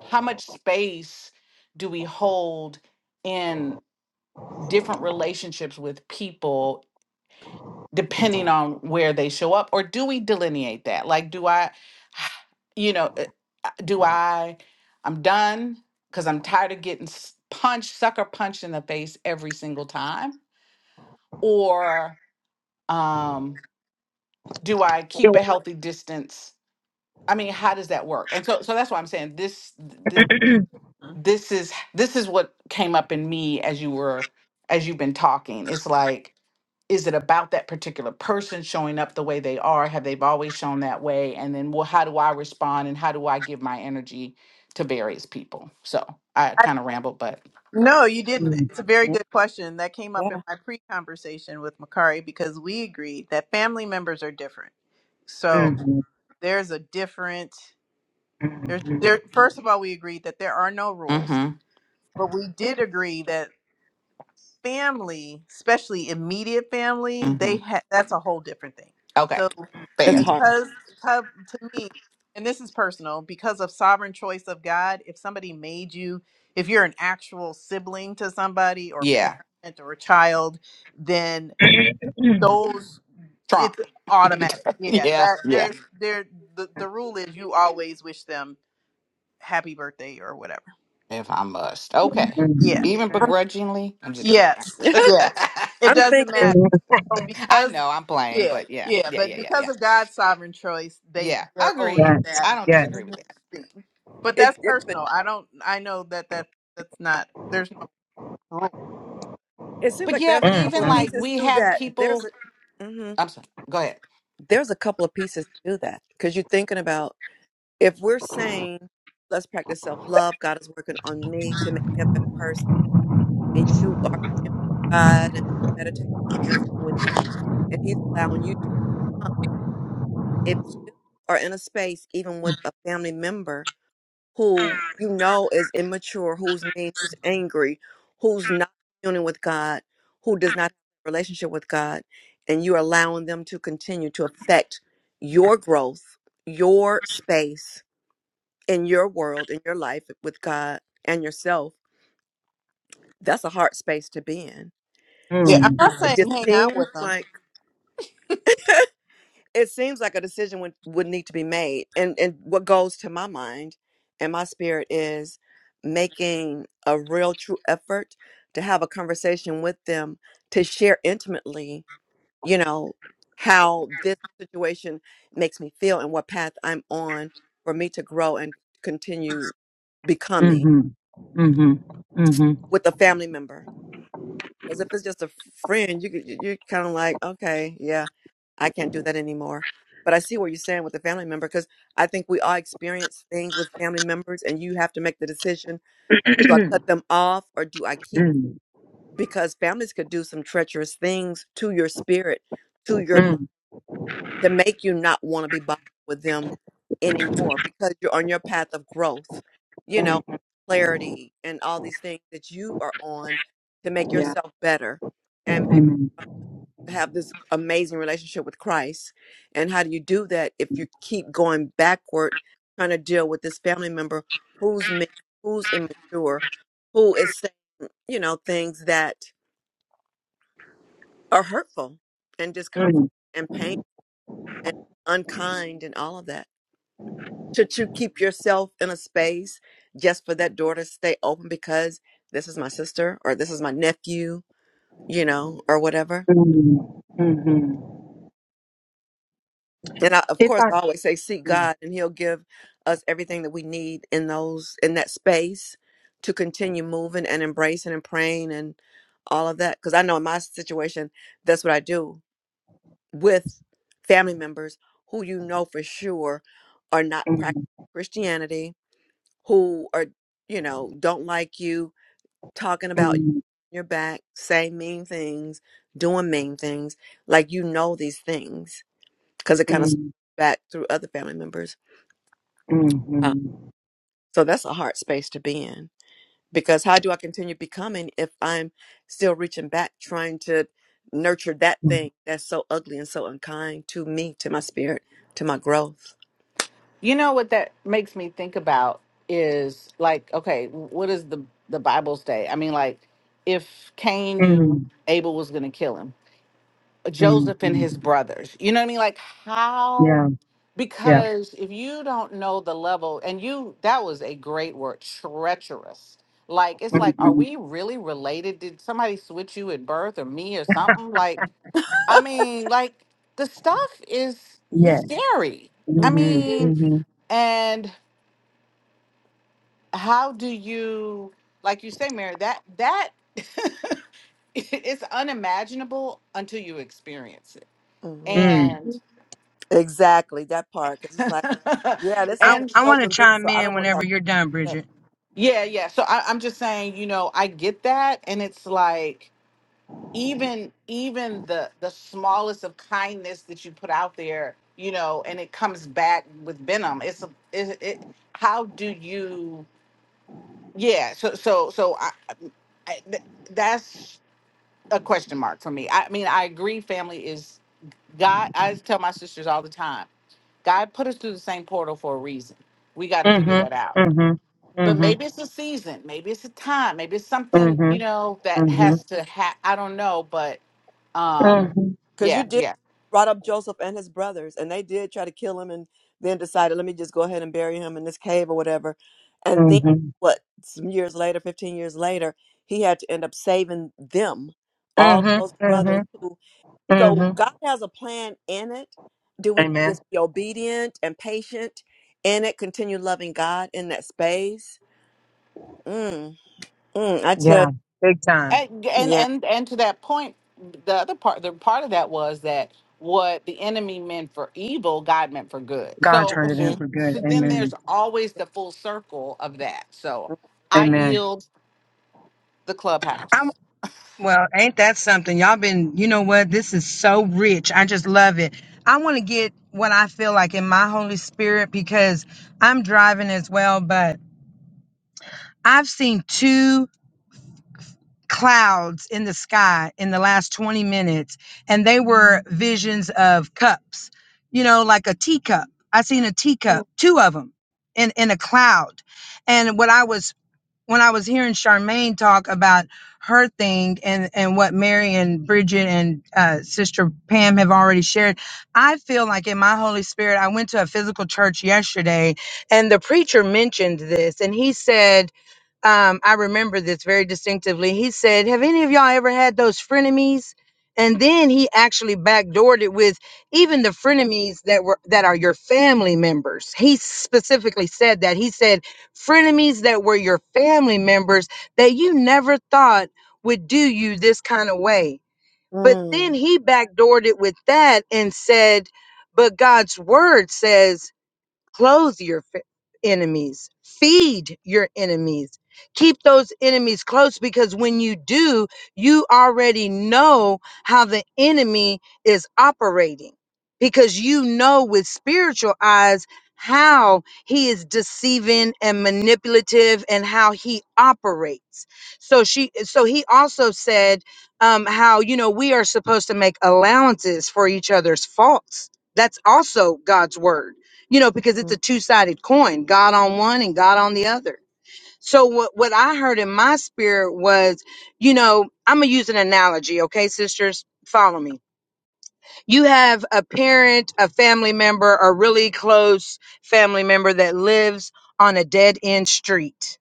[SPEAKER 2] how much space do we hold in different relationships with people depending on where they show up or do we delineate that like do i *sighs* you know uh, uh, do i i'm done because i'm tired of getting s- punched sucker punched in the face every single time or um do i keep
[SPEAKER 7] Yes,
[SPEAKER 2] a healthy distance i mean how does that work and so so that's why i'm saying this
[SPEAKER 7] yes.
[SPEAKER 2] this is this is what came up in me as you were as you've been talking it's like is it about that particular person showing up the way they are have they've always shown that way and then well how do i respond and how do i give my energy to various people so i kind of rambled but
[SPEAKER 1] No, you didn't.
[SPEAKER 7] Mm-hmm.
[SPEAKER 1] It's a very
[SPEAKER 3] Mm,
[SPEAKER 1] good question that came up in
[SPEAKER 3] Yeah.
[SPEAKER 1] my pre conversation with Makari because we agreed that family members are different. So
[SPEAKER 7] Mm-hmm.
[SPEAKER 1] there's a different there's there first of all we agreed that there are no rules,
[SPEAKER 2] mm-hmm
[SPEAKER 1] but we did agree that family, especially immediate family,
[SPEAKER 2] mm-hmm
[SPEAKER 1] they ha- that's a whole different thing.
[SPEAKER 2] okay
[SPEAKER 1] So,
[SPEAKER 3] It's
[SPEAKER 2] fair
[SPEAKER 3] hard.
[SPEAKER 1] because because- to me and this is personal because of sovereign choice of god if somebody made you if you're an actual sibling to somebody or
[SPEAKER 2] yeah
[SPEAKER 1] parent or a child then those
[SPEAKER 2] trump
[SPEAKER 1] it's automatic
[SPEAKER 2] *laughs*
[SPEAKER 1] yeah
[SPEAKER 2] yeah
[SPEAKER 1] that
[SPEAKER 2] yeah
[SPEAKER 1] there's there the, the rule is you always wish them happy birthday or whatever
[SPEAKER 2] if i must okay
[SPEAKER 1] yeah
[SPEAKER 2] even
[SPEAKER 3] I'm,
[SPEAKER 2] begrudgingly i'm just kidding
[SPEAKER 1] yes
[SPEAKER 2] *laughs*
[SPEAKER 3] *laughs*
[SPEAKER 1] yes it
[SPEAKER 3] I'm
[SPEAKER 1] doesn't
[SPEAKER 3] thinking
[SPEAKER 1] matter
[SPEAKER 2] i
[SPEAKER 1] because
[SPEAKER 2] know i'm playing
[SPEAKER 1] yeah
[SPEAKER 2] but yeah
[SPEAKER 1] yeah
[SPEAKER 2] yeah
[SPEAKER 1] but
[SPEAKER 2] yeah yeah yeah
[SPEAKER 1] because of god's sovereign choice they
[SPEAKER 2] Yeah, I
[SPEAKER 1] they're owed
[SPEAKER 2] agree.
[SPEAKER 1] that
[SPEAKER 2] I don't disagree
[SPEAKER 3] hmm
[SPEAKER 2] with that.
[SPEAKER 1] But
[SPEAKER 3] it,
[SPEAKER 1] that's
[SPEAKER 3] it, but
[SPEAKER 1] personal. I don't. I know that that that's not. There's no rule.
[SPEAKER 3] it seems
[SPEAKER 2] But
[SPEAKER 3] like
[SPEAKER 2] yeah,
[SPEAKER 3] there's
[SPEAKER 2] but
[SPEAKER 3] a couple
[SPEAKER 2] even
[SPEAKER 3] of
[SPEAKER 2] like
[SPEAKER 3] pieces
[SPEAKER 2] we
[SPEAKER 3] to
[SPEAKER 2] have
[SPEAKER 3] that. There's a,
[SPEAKER 2] people.
[SPEAKER 3] hmm
[SPEAKER 2] I'm sorry. Go ahead.
[SPEAKER 3] There's a couple of pieces to that because you're thinking about if we're saying, let's practice self love, God is working on me to make me a better person. and you are communing with God and meditating on your time with Him, and He's allowing you to come. If you are in a space, even with a family member who you know is immature, who's mean, who's angry, who's not communing with God, who does not have a relationship with God, and you're allowing them to continue to affect your growth, your space in your world, in your life with God and yourself, that's a hard space to be in.
[SPEAKER 1] Yeah,
[SPEAKER 3] So
[SPEAKER 1] I'm
[SPEAKER 3] it,
[SPEAKER 1] not
[SPEAKER 3] it
[SPEAKER 1] saying
[SPEAKER 3] just
[SPEAKER 1] hang out
[SPEAKER 3] seems
[SPEAKER 1] with them.
[SPEAKER 3] like it seems like a decision would, would need to be made and and what goes to my mind and my spirit is making a real true effort to have a conversation with them to share intimately you know how this situation makes me feel and what path i'm on for me to grow and continue
[SPEAKER 7] Mm-hmm.
[SPEAKER 3] becoming
[SPEAKER 7] Mm-hmm.
[SPEAKER 3] with a family member Because if it's just a friend, you could- you- you're kind of like, okay, yeah, I can't do that anymore. But I see what you're saying with the family member because I think we all experience things with family members, and you have to make the decision: do I cut them off or do I keep? Because families could do some treacherous things to your spirit, to
[SPEAKER 7] Mm-hmm.
[SPEAKER 3] your life, to make you not want to be bothered with them anymore because you're on your path of growth, you know,
[SPEAKER 7] Mm-hmm.
[SPEAKER 3] clarity, and all these things that you are on to make
[SPEAKER 7] Yeah.
[SPEAKER 3] yourself better
[SPEAKER 7] Amen.
[SPEAKER 3] have this amazing relationship with Christ? And how do you do that if you keep going backward, trying to deal with this family member who's ma- who's immature, who is saying, you know, things that are hurtful and
[SPEAKER 7] Mm-hmm.
[SPEAKER 3] discomfort and pain and unkind and all of that? Should you keep yourself in a space just for that door to stay open because this is my sister or this is my nephew, you know, or whatever?
[SPEAKER 7] Mm-hmm.
[SPEAKER 3] And I, of
[SPEAKER 7] If
[SPEAKER 3] course,
[SPEAKER 7] I
[SPEAKER 3] I always say seek
[SPEAKER 7] mm,
[SPEAKER 3] God, and He'll give us everything that we need in those in that space to continue moving and embracing and praying and all of that. Because I know in my situation, that's what I do with family members who you know for sure are not practicing
[SPEAKER 7] mm,
[SPEAKER 3] Christianity, who are you know don't like you talking about your back, saying mean things, doing mean things. Like you know these things because it kind of
[SPEAKER 7] mm,
[SPEAKER 3] back through other family members.
[SPEAKER 7] mm,
[SPEAKER 3] Uh,
[SPEAKER 7] mm,
[SPEAKER 3] so that's a hard space to be in because how do I continue becoming if I'm still reaching back, trying to nurture that
[SPEAKER 7] mm,
[SPEAKER 3] thing that's so ugly and so unkind to me, to my spirit, to my growth?
[SPEAKER 2] You know what that makes me think about is like, okay, what does the the Bible say? I mean, like, if Cain knew
[SPEAKER 7] mm,
[SPEAKER 2] Abel was going to kill him,
[SPEAKER 7] mm,
[SPEAKER 2] Joseph and
[SPEAKER 7] mm.
[SPEAKER 2] his brothers. You know what I mean? Like, how?
[SPEAKER 7] yeah, yeah.
[SPEAKER 2] Because if you don't know the level, and you that was a great word, treacherous. Like, it's like, are
[SPEAKER 7] Mm-hmm.
[SPEAKER 2] we really related? Did somebody switch you at birth, or me, or something? Like. I mean, like the stuff is
[SPEAKER 3] Yeah.
[SPEAKER 7] Yes.
[SPEAKER 2] scary. I mean,
[SPEAKER 7] Mm-hmm.
[SPEAKER 2] and how do you, like you say, Mary? That that *laughs* it's unimaginable until you experience it.
[SPEAKER 3] Mhm.
[SPEAKER 7] Mm.
[SPEAKER 2] And
[SPEAKER 3] Mhm. Exactly that part because it's like. Yeah,
[SPEAKER 2] *laughs*
[SPEAKER 3] this
[SPEAKER 7] I
[SPEAKER 3] is not
[SPEAKER 2] and
[SPEAKER 7] I want to
[SPEAKER 3] helping me,
[SPEAKER 7] chime
[SPEAKER 3] so I
[SPEAKER 7] in
[SPEAKER 3] don't want to
[SPEAKER 7] whenever
[SPEAKER 3] have
[SPEAKER 7] you're done,
[SPEAKER 3] sex.
[SPEAKER 7] Bridget.
[SPEAKER 2] yeah, yeah. So I, I'm just saying, you know, I get that, and it's like even even the the smallest of kindness that you put out there you know and it comes back with venom it's a it, it how do you yeah so so so i, I th- that's a question mark for me i mean i agree family is god i tell my sisters all the time god put us through the same portal for a reason we got to figure
[SPEAKER 7] Mhm.
[SPEAKER 2] that out
[SPEAKER 7] Mhm.
[SPEAKER 2] but
[SPEAKER 3] Mm,
[SPEAKER 7] Mhm.
[SPEAKER 2] maybe it's a season maybe it's a time maybe it's something you
[SPEAKER 7] Mhm.
[SPEAKER 2] know that
[SPEAKER 3] yeah,
[SPEAKER 7] Mhm.
[SPEAKER 2] has to ha i don't know but um,
[SPEAKER 7] Mhm.
[SPEAKER 3] because
[SPEAKER 2] yeah,
[SPEAKER 3] you did
[SPEAKER 2] yeah,
[SPEAKER 3] brought up Joseph and his brothers, and they did try to kill him, and then decided, let me just go ahead and bury him in this cave or whatever. And then,
[SPEAKER 7] Mhm.
[SPEAKER 3] what? Some years later, fifteen years later, he had to end up saving them, all
[SPEAKER 7] Mhm.
[SPEAKER 3] those brothers.
[SPEAKER 7] Mhm.
[SPEAKER 3] Who, so Mhm.
[SPEAKER 7] Mhm.
[SPEAKER 3] God has a plan in it. Do we
[SPEAKER 7] Amen.
[SPEAKER 3] just be obedient and patient in it? Continue loving God in that space. Mm, mm, I tell
[SPEAKER 7] Yeah. Big time.
[SPEAKER 2] and
[SPEAKER 3] you,
[SPEAKER 2] and
[SPEAKER 3] yeah.
[SPEAKER 2] and, and to that point, the other part, the part of that was that what the enemy meant for evil, God meant for good.
[SPEAKER 7] God
[SPEAKER 2] So,
[SPEAKER 7] turned it in
[SPEAKER 3] mhm.
[SPEAKER 2] so,
[SPEAKER 7] for good.
[SPEAKER 2] so then there's
[SPEAKER 7] Amen.
[SPEAKER 2] always the full circle of that. So I
[SPEAKER 7] Amen.
[SPEAKER 2] yield the
[SPEAKER 7] I
[SPEAKER 2] clubhouse.
[SPEAKER 7] well, ain't that something? Y'all been, you know what? This is so rich. I just love it. I want to get what I feel like in my Holy Spirit because I'm driving as well, but I've seen two clouds in the sky in the last 20 minutes and they were visions of cups you know like a teacup i seen a teacup two of them in in a cloud and what I was when I was hearing Charmaine talk about her thing and and what Mary and Bridget and uh, Sister Pam have already shared, I feel like in my Holy Spirit, I went to a physical church yesterday, and the preacher mentioned this, and he said. Um, I remember this very distinctively. He said, Have any of y'all ever had those frenemies? And then he actually backdoored it with even the frenemies that were that are your family members. He specifically said that. He said frenemies that were your family members that you never thought would do you this kind of way. But then
[SPEAKER 3] Mm.
[SPEAKER 7] he backdoored it with that and said, But God's word says, Clothe your f- enemies, feed your enemies, keep those enemies close because when you do, you already know how the enemy is operating because you know with spiritual eyes how he is deceiving and manipulative and how he operates so she so he also said um how you know we are supposed to make allowances for each other's faults that's also god's word you know, because it's a
[SPEAKER 3] mm.
[SPEAKER 7] two sided coin, God on one and God on the other. So what, what I heard in my spirit was, you know, I'm going to use an analogy. Okay, sisters, follow me. You have a parent, a family member, a really close family member that lives on a dead end street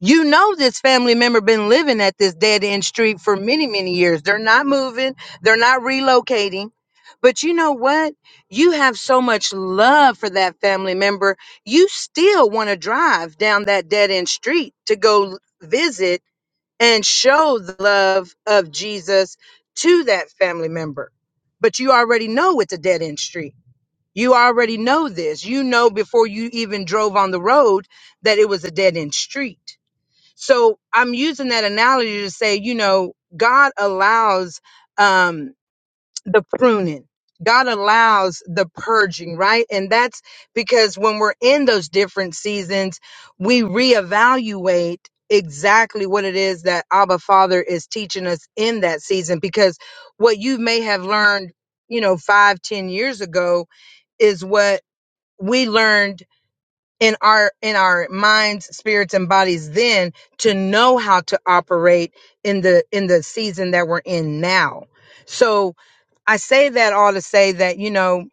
[SPEAKER 7] you know this family member been living at this dead end street for many, many years. They're not moving, they're not relocating. But you know what? You have so much love for that family member. You still want to drive down that dead end street to go l- visit and show the love of Jesus to that family member. But you already know it's a dead end street. You already know this. You know before you even drove on the road that it was a dead end street so I'm using that analogy to say, you know, God allows um, the pruning. God allows the purging, right? And that's because when we're in those different seasons, we reevaluate exactly what it is that Abba Father is teaching us in that season. Because what you may have learned, you know, five, ten years ago is what we learned in our in our minds spirits and bodies then to know how to operate in the in the season that we're in now so i say that all to say that you know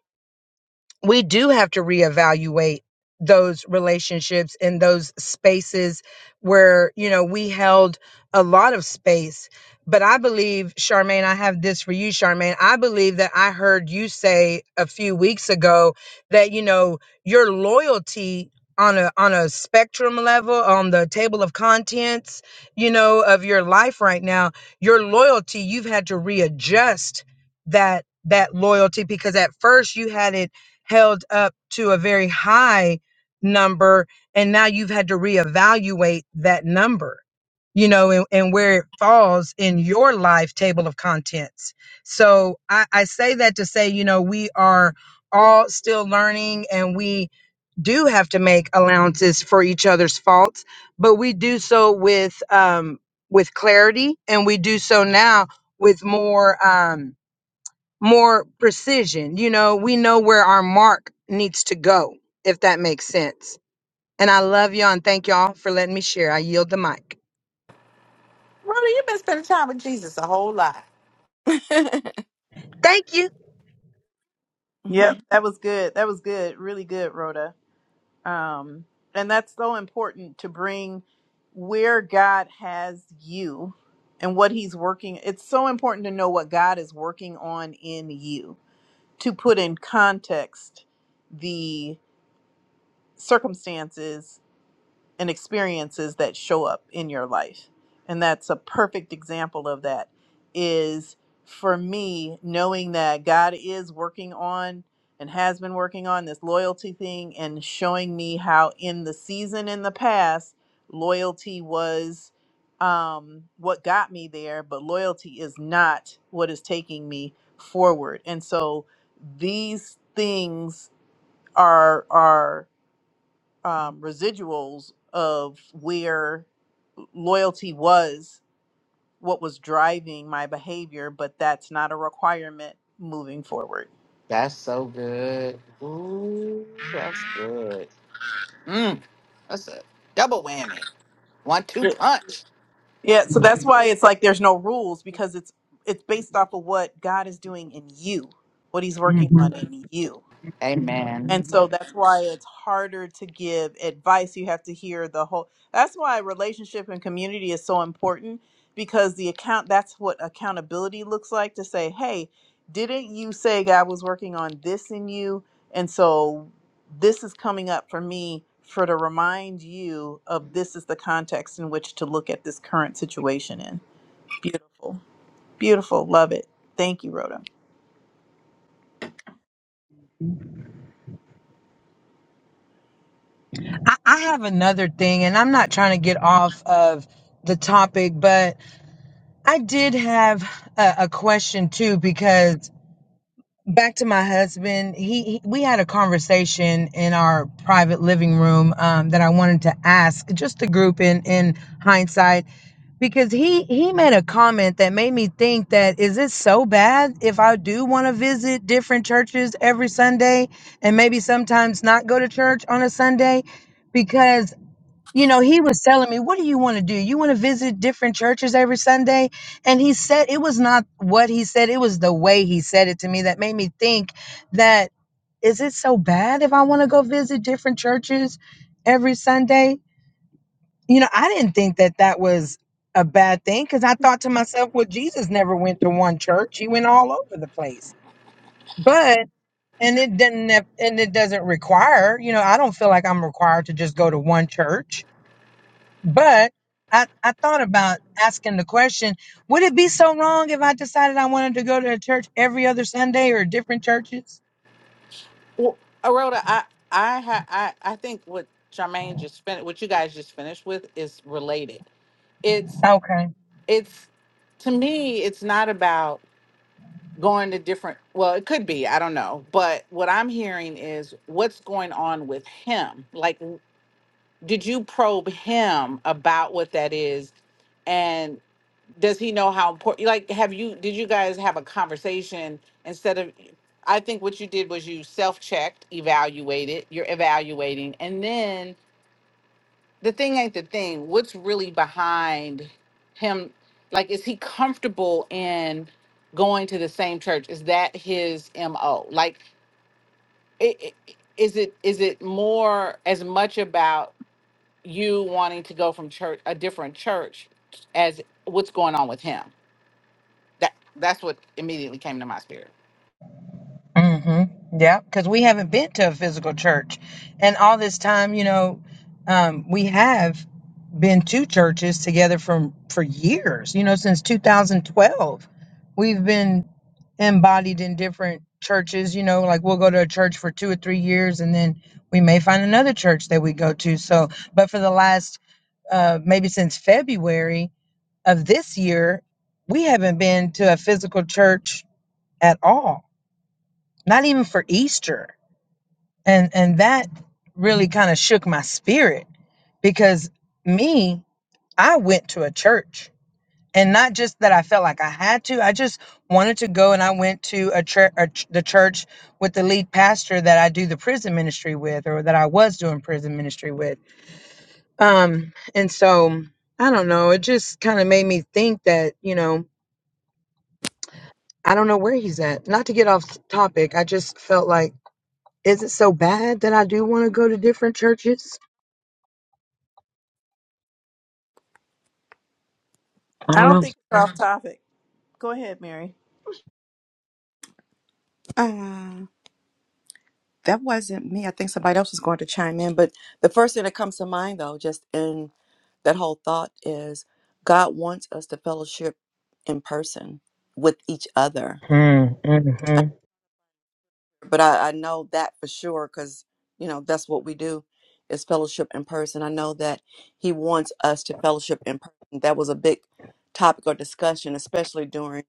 [SPEAKER 7] we do have to reevaluate those relationships and those spaces where you know we held a lot of space but i believe charmaine i have this for you charmaine i believe that i heard you say a few weeks ago that you know your loyalty on a on a spectrum level on the table of contents you know of your life right now your loyalty you've had to readjust that that loyalty because at first you had it held up to a very high number and now you've had to reevaluate that number you know and, and where it falls in your life table of contents so I, I say that to say you know we are all still learning and we do have to make allowances for each other's faults but we do so with um with clarity and we do so now with more um more precision. You know, we know where our mark needs to go, if that makes sense. And I love y'all and thank y'all for letting me share. I yield the mic.
[SPEAKER 2] Rhoda, you've been spending time with Jesus a whole lot.
[SPEAKER 7] Thank you.
[SPEAKER 3] *laughs*
[SPEAKER 1] Yep, that was good. That was good. Really good, Rhoda. Um, and that's so important to bring where God has you and what He's working. It's so important to know what God is working on in you to put in context the circumstances and experiences that show up in your life. And that's a perfect example of that is for me knowing that God is working on and has been working on this loyalty thing and showing me how in the season in the past loyalty was um what got me there but loyalty is not what is taking me forward and so these things are are um, residuals of where loyalty was what was driving my behavior, but that's not a requirement moving forward.
[SPEAKER 2] That's so good. Ooh, that's good. Mm, that's a double whammy, one two
[SPEAKER 1] Yeah.
[SPEAKER 2] punch.
[SPEAKER 1] Yeah, so that's why it's like there's no rules because it's it's based off of what God is doing in you, what he's working on
[SPEAKER 7] Mhm.
[SPEAKER 1] in you.
[SPEAKER 2] Amen.
[SPEAKER 1] And so that's why it's harder to give advice. You have to hear the whole. That's why relationship and community is so important because the account that's what accountability looks like to say, "Hey, didn't you say God was working on this in you? And so this is coming up for me for to remind you of this is the context in which to look at this current situation in." Beautiful. Beautiful. Love it. Thank you, Rhoda.
[SPEAKER 7] I, I have another thing, and I'm not trying to get off of the topic, but I did have a, a question too because back to my husband, he, he we had a conversation in our private living room um, that I wanted to ask just the group in in hindsight because he he made a comment that made me think that is it so bad if I do want to visit different churches every Sunday and maybe sometimes not go to church on a Sunday because you know he was telling me what do you want to do you want to visit different churches every Sunday and he said it was not what he said it was the way he said it to me that made me think that is it so bad if I want to go visit different churches every Sunday you know, I didn't think that that was a bad thing because I thought to myself, well, Jesus never went to one church; he went all over the place. But and it didn't have, and it doesn't require, you know, I don't feel like I'm required to just go to one church. But I I thought about asking the question: Would it be so wrong if I decided I wanted to go to a church every other Sunday or different churches?
[SPEAKER 2] Well, Aroda, I I ha, I I think what Charmaine just finished, what you guys just finished with, is related. It's
[SPEAKER 7] Okay.
[SPEAKER 2] it's to me, it's not about going to different. Well, it could be, I don't know, but what I'm hearing is what's going on with him. Like, did you probe him about what that is? does he know how important like have you did you guys have a conversation instead of i think what you did was you self-checked evaluated you're evaluating and then the thing ain't the thing what's really behind him like is he comfortable in going to the same church is that his mo like i i- is it is it more as much about you wanting to go from church a different church as what's going on with him That that's what immediately came to my spirit.
[SPEAKER 7] hmm Yeah, because we haven't been to a physical church, and all this time, you know, um, we have been to churches together from for years. You know, since 2012, we've been embodied in different churches. You know, like we'll go to a church for two or three years, and then we may find another church that we go to. So, but for the last uh, maybe since February of this year, we haven't been to a physical church at all. Not even for Easter and and that really kind of shook my spirit because me i went to a church and not just that i felt like i had to i just wanted to go and i went to a church ch- the church with the lead pastor that i do the prison ministry with or that i was doing prison ministry with um and so i don't know it just kind of made me think that you know i don't know where he's at not to get off topic i just felt like is it so bad that i do want to go to different churches i
[SPEAKER 1] I
[SPEAKER 7] don't
[SPEAKER 1] don't
[SPEAKER 7] know
[SPEAKER 1] think it's off *laughs* topic. Go ahead, Mary.
[SPEAKER 3] Uh, that wasn't me. I think somebody else was going to chime in. But the first thing that comes to mind, though, just in that whole thought is God wants us to fellowship in person with each other.
[SPEAKER 7] Mm, hmm
[SPEAKER 3] I, but I, I know that for sure because, you know, that's what we do is fellowship in person. I know that He wants us to fellowship in person. That was a big topic of discussion, especially during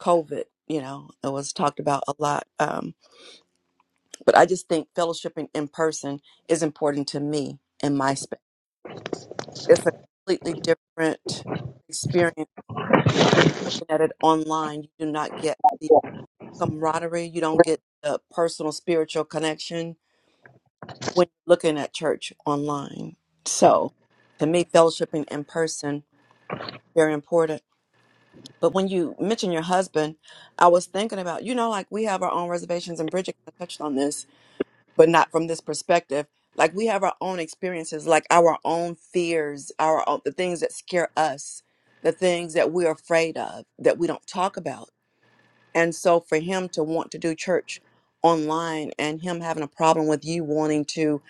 [SPEAKER 3] COVID. You know, it was talked about a lot. um, But I just think fellowshipping in person is important to me in my space. It's a completely different experience when you're looking at it online. You do not get the camaraderie, you don't get the personal spiritual connection when you're looking at church online. So to me, fellowshipping in person very important. But when you mention your husband, I was thinking about, you know, like we have our own reservations, and Bridget kind of touched on this but not from this perspective. Like we have our own experiences, like our own fears, our own, the things that scare us, the things that we're afraid of that we don't talk about. And so for him to want to do church online and him having a problem with you wanting to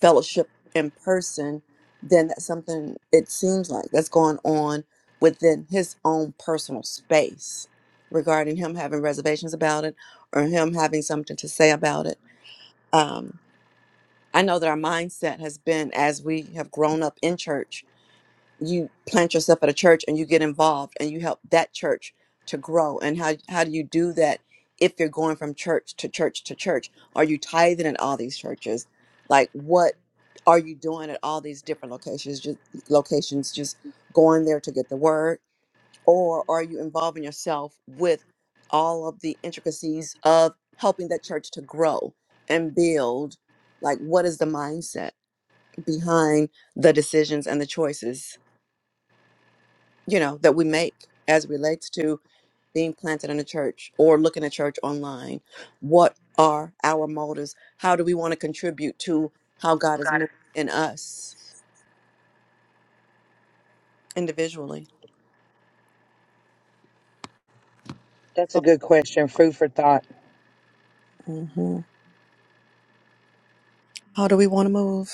[SPEAKER 3] fellowship in person, then that's something it seems like that's going on within his own personal space regarding him having reservations about it or him having something to say about it. Um, I know that our mindset has been as we have grown up in church, you plant yourself at a church and you get involved and you help that church to grow. And how, how do you do that if you're going from church to church to church? Are you tithing at all these churches? Like, what are you doing at all these different locations? Just locations, just going there to get the word or are you involving yourself with all of the intricacies of helping that church to grow and build like what is the mindset behind the decisions and the choices you know that we make as it relates to being planted in a church or looking at church online what are our motives how do we want to contribute to how god is moving in us individually
[SPEAKER 7] That's a
[SPEAKER 3] so,
[SPEAKER 7] good question. Food for thought.
[SPEAKER 3] Mhm. how do we want to move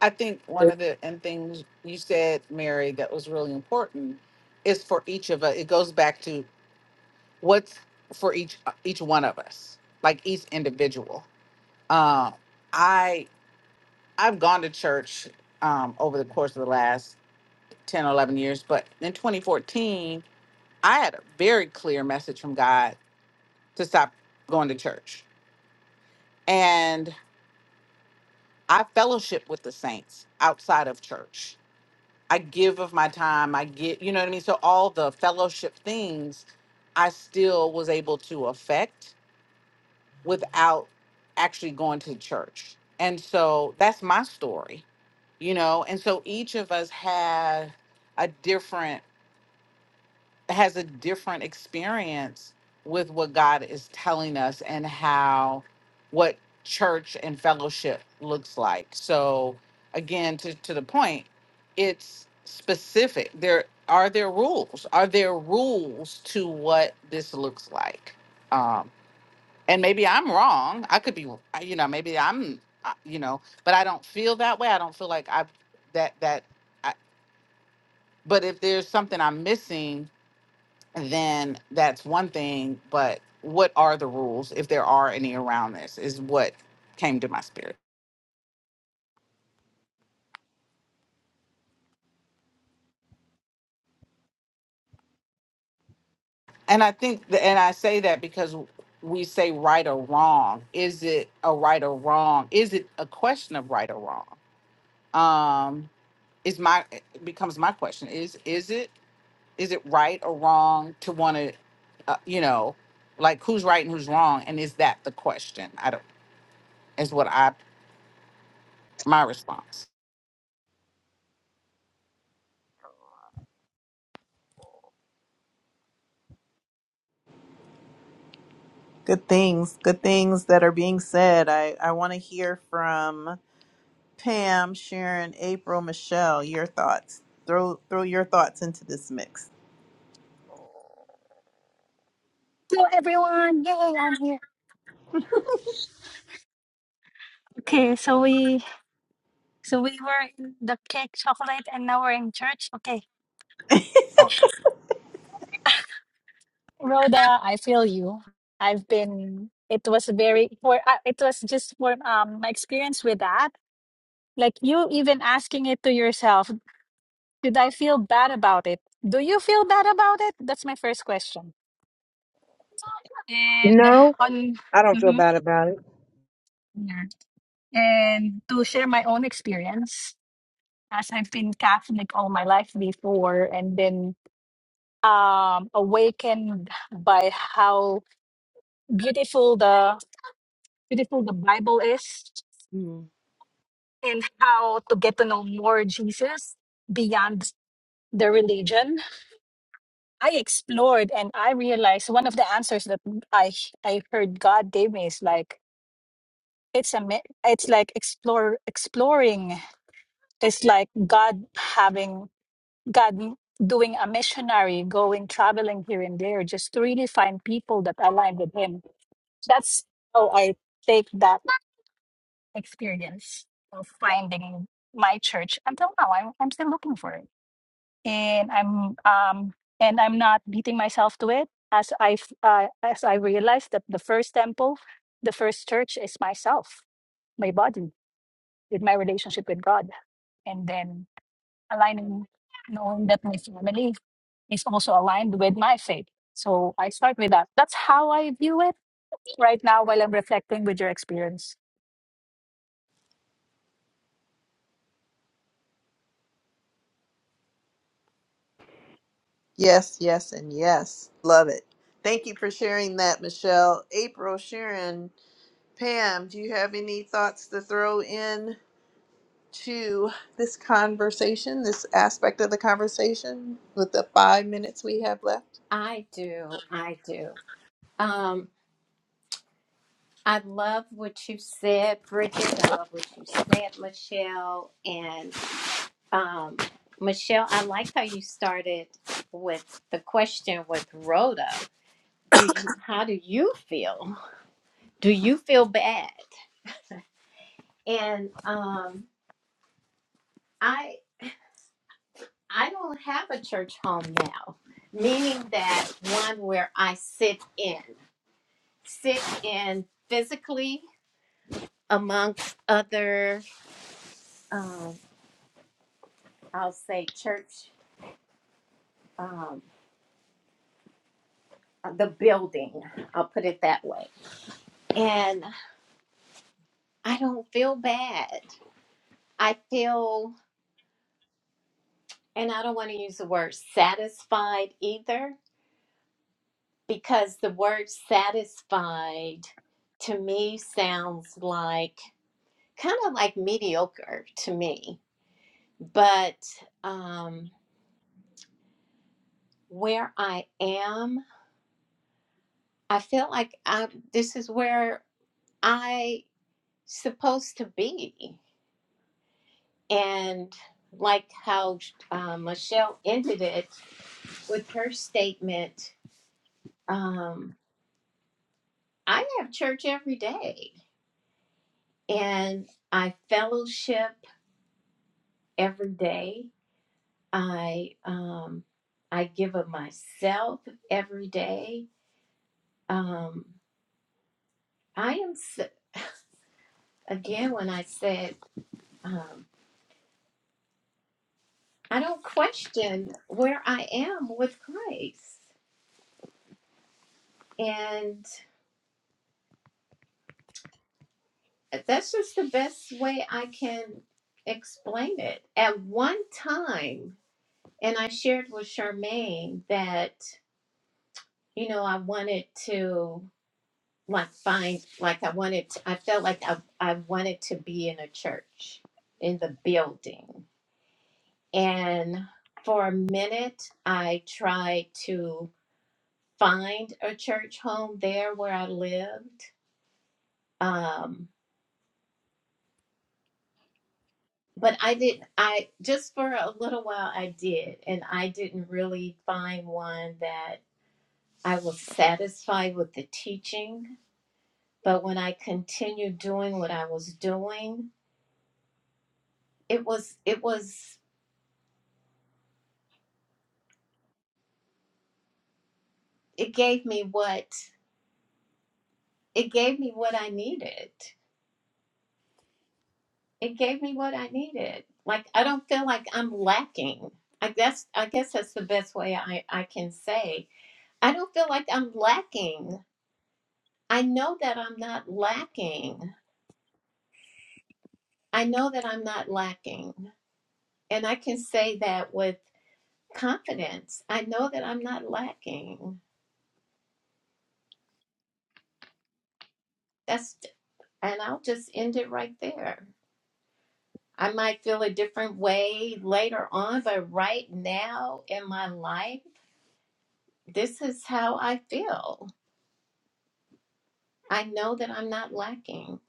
[SPEAKER 2] I think one of the and things you said, Mary, that was really important is for each of us. It goes back to what's for each each one of us, like each individual. Um, I I've gone to church um, over the course of the last 10, 11 years, but in 2014, I had a very clear message from God to stop going to church, and I fellowship with the saints outside of church I give of my time. I get, you know what I mean? So all the fellowship things I still was able to affect without actually going to church. And so that's my story, you know? And so each of us had a different has a different experience with what God is telling us and how what church and fellowship looks like. So again to, to the point, it's specific. There are there rules? Are there rules to what this looks like? Um and maybe I'm wrong. I could be I- you know, maybe I'm I- you know, but I don't feel that way. I don't feel like I that that I, but if there's something I'm missing, then that's one thing. But what are the rules, if there are any around this, is what came to my spirit. And I think, th- and I say that because we say right or wrong. Is it a right or wrong? Is it a question of right or wrong? Um, is my eh, it becomes my question is is it is it right or wrong to want to, uh, you know, like who's right and who's wrong, and is that the question? I don't. Is what I my response.
[SPEAKER 1] Good things, good things that are being said. I, I want to hear from Pam, Sharon, April, Michelle, your thoughts. Throw throw your thoughts into this mix.
[SPEAKER 8] Hello everyone! Yay, I'm here. Okay, so we so we were in the cake chocolate and now we're in church. Okay. Rhoda, I feel you. I've been it was very for uh, it was just for um my experience with that. Like you even asking it to yourself, did I feel bad about it? Do you feel bad about it? That's my first question. And
[SPEAKER 7] No,
[SPEAKER 8] on
[SPEAKER 7] I don't feel
[SPEAKER 8] mhm,
[SPEAKER 7] bad about it.
[SPEAKER 8] yeah. and to share my own experience as I've been Catholic all my life before and then um, awakened by how beautiful the beautiful the Bible is
[SPEAKER 3] Mhm.
[SPEAKER 8] and how to get to know more Jesus beyond the religion. I explored and I realized one of the answers that I I heard God gave me is like it's a mi- it's like explore exploring. It's like God having God doing a missionary going traveling here and there just to really find people that align with him that's how I take that experience of finding my church until now. I'm I'm still looking for it, and I'm um and I'm not beating myself to it as i uh, as I realized that the first temple, the first church is myself, my body, with my relationship with God, and then aligning, knowing that my family is also aligned with my faith. So I start with that. That's how I view it right now while I'm reflecting with your experience.
[SPEAKER 1] Yes, yes, and yes. Love it. Thank you for sharing that, Michelle. April, Sharon, Pam, do you have any thoughts to throw in to this conversation, this aspect of the conversation with the five minutes we have left?
[SPEAKER 4] I do. I do. Um, I love what you said, Bridget. I love what you said, Michelle. And um, Michelle, I like how you started with the question with Rhoda. do you how do you feel do you feel bad and um i i don't have a church home now meaning that one where i sit in sit in physically amongst other um i'll say church um the building i'll put it that way and i don't feel bad i feel and i don't want to use the word satisfied either because the word satisfied to me sounds like kind of like mediocre to me. But um, where I am, I feel like I, this is where I supposed to be. And like how uh, Michelle ended it with her statement, um, I have church every day and I fellowship every day I um I give of myself every day. Um I am s- again when I said um I don't question where I am with Christ. And that's just the best way I can explain it. At one time, and I shared with Charmaine that you know I wanted to like find like I wanted to, I felt like I, I wanted to be in a church in the building. And for a minute I tried to find a church home there where I lived. Um but I didn't I just for a little while I did and I didn't really find one that I was satisfied with the teaching. But when I continued doing what I was doing, it was it was it gave me what it gave me what I needed. It gave me what I needed. Like I don't feel like I'm lacking. I guess I guess that's the best way I, I can say. I don't feel like I'm lacking. I know that I'm not lacking. I know that I'm not lacking. And I can say that with confidence. I know that I'm not lacking. That's and I'll just end it right there. I might feel a different way later on, but right now in my life, this is how I feel. I know that I'm not lacking.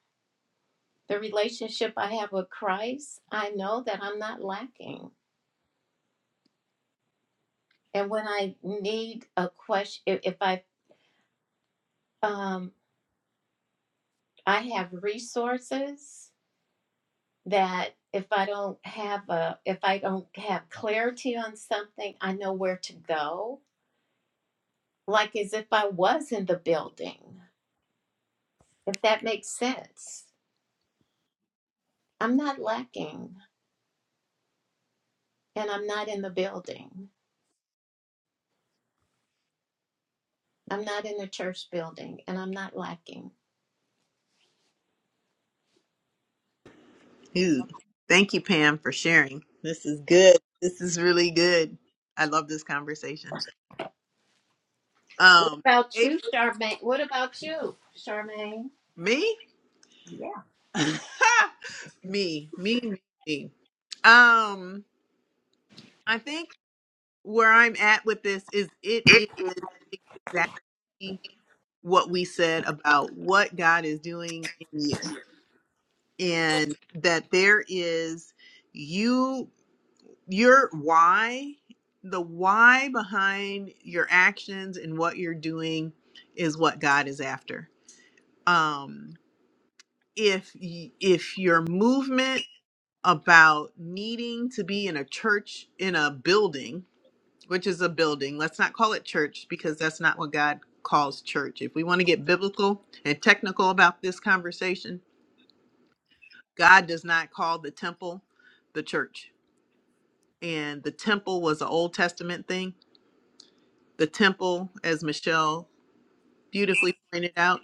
[SPEAKER 4] The relationship I have with Christ, I know that I'm not lacking. And when I need a question, if, if I um, I have resources that if I don't have a if I don't have clarity on something, I know where to go. Like as if I was in the building. if that makes sense. I'm not lacking, and I'm not in the building. I'm not in the church building, and I'm not lacking.
[SPEAKER 1] Ooh, thank you, Pam, for sharing. This is good. This is really good. I love this conversation.
[SPEAKER 4] What
[SPEAKER 1] Um,
[SPEAKER 4] about
[SPEAKER 1] April,
[SPEAKER 4] you, Charmaine? What about you, Charmaine?
[SPEAKER 1] me,
[SPEAKER 4] Yeah.
[SPEAKER 1] *laughs* me, me, me. me. Um, I think where I'm at with this is it is exactly what we said about what God is doing in you, and that there is you. your why, the why behind your actions and what you're doing is what God is after. Um if y- if your movement about needing to be in a church in a building, which is a building, let's not call it church because that's not what God calls church. If we want to get biblical and technical about this conversation, God does not call the temple the church. And the temple was an Old Testament thing The temple, as Michelle beautifully pointed out,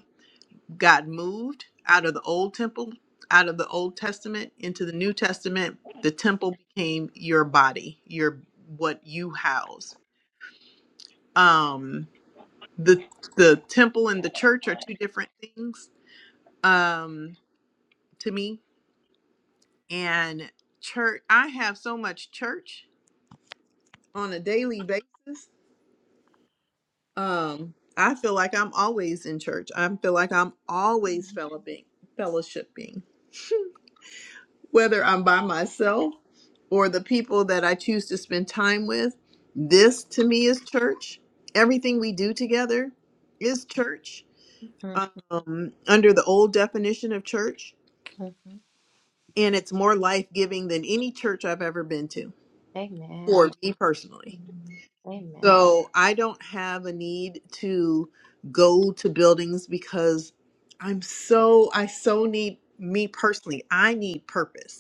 [SPEAKER 1] got moved out of the old temple, out of the Old Testament into the New Testament. The temple became your body, your what you house. Um, the the temple and the church are two different things um, to me. And church, I have so much church on a daily basis. Um, I feel like I'm always in church. I feel like I'm always fellowing, fellowshipping. whether I'm by myself or the people that I choose to spend time with, this to me is church. Everything we do together is church
[SPEAKER 4] Mhm,
[SPEAKER 1] um, under the old definition of church.
[SPEAKER 4] mhm.
[SPEAKER 1] And it's more life giving than any church I've ever been to for
[SPEAKER 4] Amen.
[SPEAKER 1] me personally.
[SPEAKER 5] Mm,
[SPEAKER 4] Amen.
[SPEAKER 1] So I don't have a need to go to buildings because I'm so, I so need me personally. I need purpose.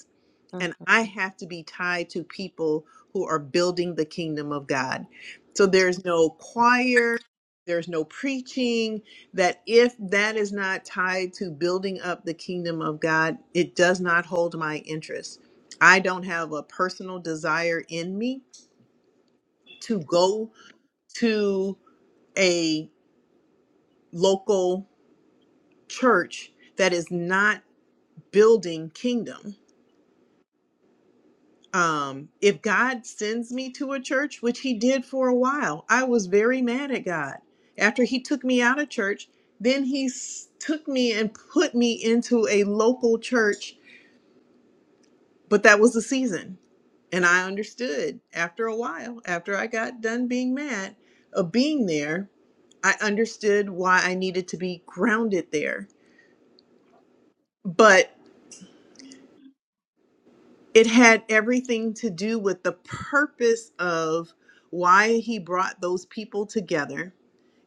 [SPEAKER 1] and I have to be tied to people who are building the kingdom of God. So there's no choir, there's no preaching, that if that is not tied to building up the kingdom of God, it does not hold my interest. I don't have a personal desire in me to go to a local church that is not building kingdom. um if god sends me to a church which he did for a while i was very mad at god after he took me out of church then he s- took me and put me into a local church but that was the season and i understood after a while after i got done being mad of being there i understood why i needed to be grounded there but. it had everything to do with the purpose of why he brought those people together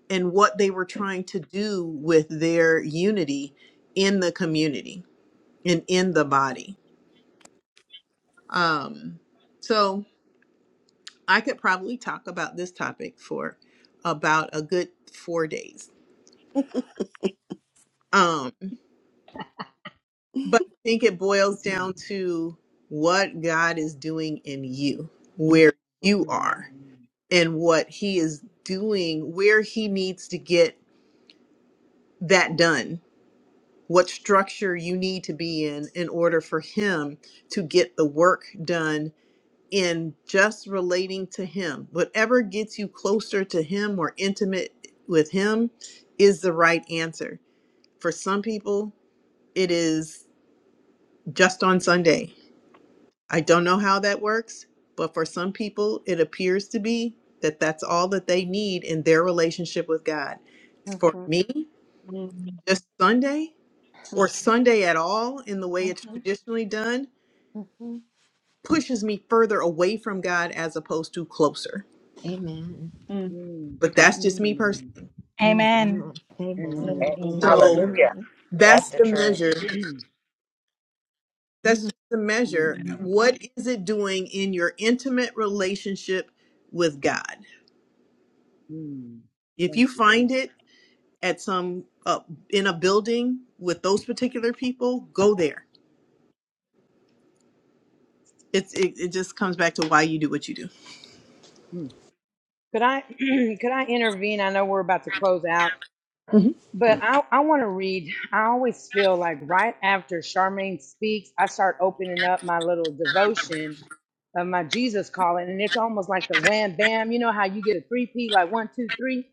[SPEAKER 1] and what they were trying to do with their unity in the community and in the body. Um, so I could probably talk about this topic for about a good four days. Um, but I think it boils
[SPEAKER 7] Mm,
[SPEAKER 1] down to what God is doing in you,
[SPEAKER 3] *coughs*
[SPEAKER 1] where you
[SPEAKER 7] mm,
[SPEAKER 1] are and what he is doing, where he needs to get that done, what structure you need to be in in order for him to get the work done in just relating to him. Whatever gets you closer to him or intimate with him is the right answer. For some people, it is just on Sunday. I don't know how that works, but for some people, it appears to be that that's all that they need in their relationship with God.
[SPEAKER 4] Mhm,
[SPEAKER 1] For me, just Sunday or Sunday at all in the way it's
[SPEAKER 4] mhm,
[SPEAKER 1] traditionally done
[SPEAKER 4] mhm, mhm.
[SPEAKER 1] pushes me further away from God as opposed to closer.
[SPEAKER 4] Amen.
[SPEAKER 5] mm,
[SPEAKER 7] mm,
[SPEAKER 1] But that's just
[SPEAKER 7] mm.
[SPEAKER 5] mm.
[SPEAKER 1] me personally.
[SPEAKER 7] Amen.
[SPEAKER 8] Amen.
[SPEAKER 4] Amen.
[SPEAKER 7] Amen.
[SPEAKER 6] Hey,
[SPEAKER 7] Thank you,
[SPEAKER 5] Amen.
[SPEAKER 1] So
[SPEAKER 7] Jesus.
[SPEAKER 6] Hallelujah, that's
[SPEAKER 1] that's
[SPEAKER 6] the
[SPEAKER 1] the
[SPEAKER 6] truth.
[SPEAKER 1] measure.
[SPEAKER 7] *clears throat*
[SPEAKER 1] That's the measure.
[SPEAKER 7] Mhm,
[SPEAKER 5] Amen.
[SPEAKER 1] What is it doing in your intimate relationship with God?
[SPEAKER 7] mm.
[SPEAKER 1] If
[SPEAKER 7] Thank
[SPEAKER 1] you
[SPEAKER 7] you, God.
[SPEAKER 1] find it, at some uh, in a building with those particular people, go there. It's it, it just comes back to why you do what you do.
[SPEAKER 7] Mm. Could I *clears throat* could I intervene? I know we're about to close out.
[SPEAKER 1] hmm
[SPEAKER 7] But I, I want to read. I always feel like right after Charmaine speaks, I start opening up my little devotion of my Jesus calling. And it's almost like the wham bam. You know how you get a three P, like one, two, three?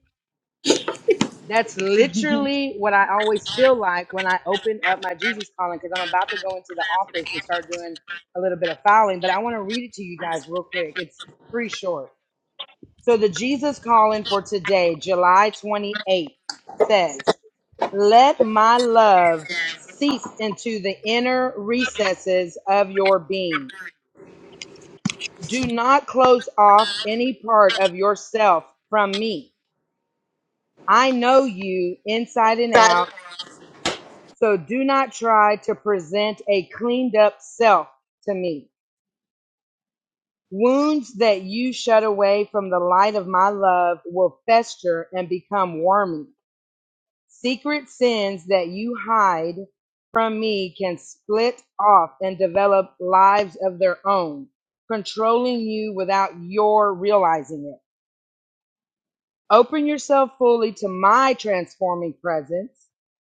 [SPEAKER 7] That's
[SPEAKER 5] Mhm. *laughs*
[SPEAKER 7] literally what I always feel like when I open up my Jesus calling because I'm about to go into the office and start doing a little bit of filing. But I want to read it to you guys real quick. It's pretty short. So the Jesus calling for today, July 28th, says, Let my love seep into the inner recesses of your being. Do not close off any part of yourself from me. I know you inside and
[SPEAKER 1] Got it.
[SPEAKER 7] out, so do not try to present a cleaned up self to me. Wounds that you shut away from the light of my love will fester and become wormy. Secret sins that you hide from me can split off and develop lives of their own, controlling you without your realizing it. Open yourself fully to my transforming presence.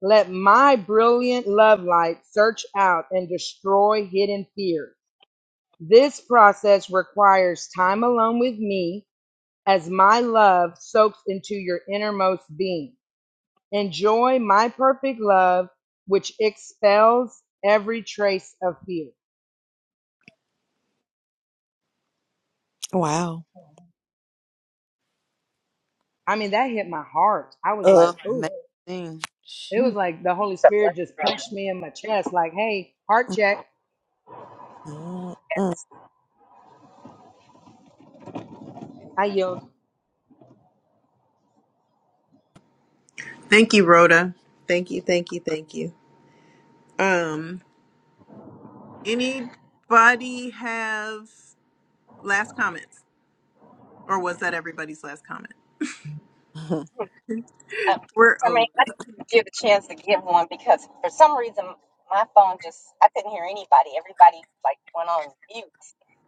[SPEAKER 7] Let my brilliant love light search out and destroy in fear. This process requires time alone with me as my love soaks into your innermost being. Enjoy my perfect love, which fills every you.
[SPEAKER 3] Wow.
[SPEAKER 7] I mean, that hit my heart. I was like, ooh,
[SPEAKER 3] Amazing.
[SPEAKER 7] it was
[SPEAKER 3] Shoot.
[SPEAKER 7] like the Holy
[SPEAKER 6] It's a
[SPEAKER 7] Spirit
[SPEAKER 6] blessing,
[SPEAKER 7] just
[SPEAKER 6] bro.
[SPEAKER 7] punched me in my chest, like, hey, heart check.
[SPEAKER 3] Mm, mm,
[SPEAKER 6] Yes.
[SPEAKER 7] I yield.
[SPEAKER 1] Thank you, Rhoda. Thank you, thank you, thank you. Um, anybody have last comments, or was that everybody's last comment?
[SPEAKER 6] Uh,
[SPEAKER 1] We're
[SPEAKER 6] I mean,
[SPEAKER 1] over.
[SPEAKER 6] I didn't give a chance to give one because for some reason my phone just I couldn't hear anybody. Everybody like went on mute.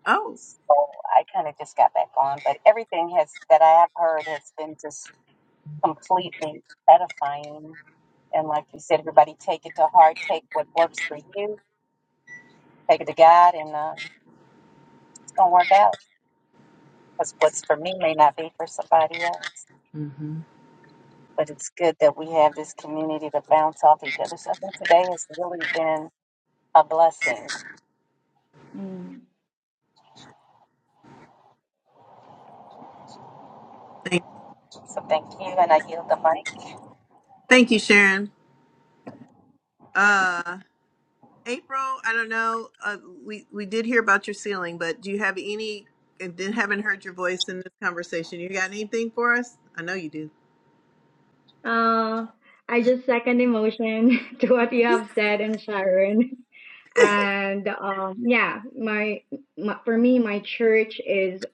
[SPEAKER 1] Oh,
[SPEAKER 6] So I kind of just got back on, but everything has that I have heard has been just completely edifying. And like you said, everybody take it to heart, take what works for you, take it to God, and um, it's gonna work out. Because what's for me may not be for somebody else.
[SPEAKER 1] hmm
[SPEAKER 6] But it's good that we have this community to bounce off each other. So I think today has really been a blessing.
[SPEAKER 5] Mm.
[SPEAKER 1] thank,
[SPEAKER 6] So thank you, and I yield the mic.
[SPEAKER 1] thank you, Sharon. Uh. April, I don't know. Uh, we we did hear about your ceiling, but do you have any? And then haven't heard your voice in this conversation. You got anything for us? I know you do.
[SPEAKER 5] Uh, I just second emotion *laughs* to what you have said and Sharon. *laughs* And um, yeah, my, my for me, my church is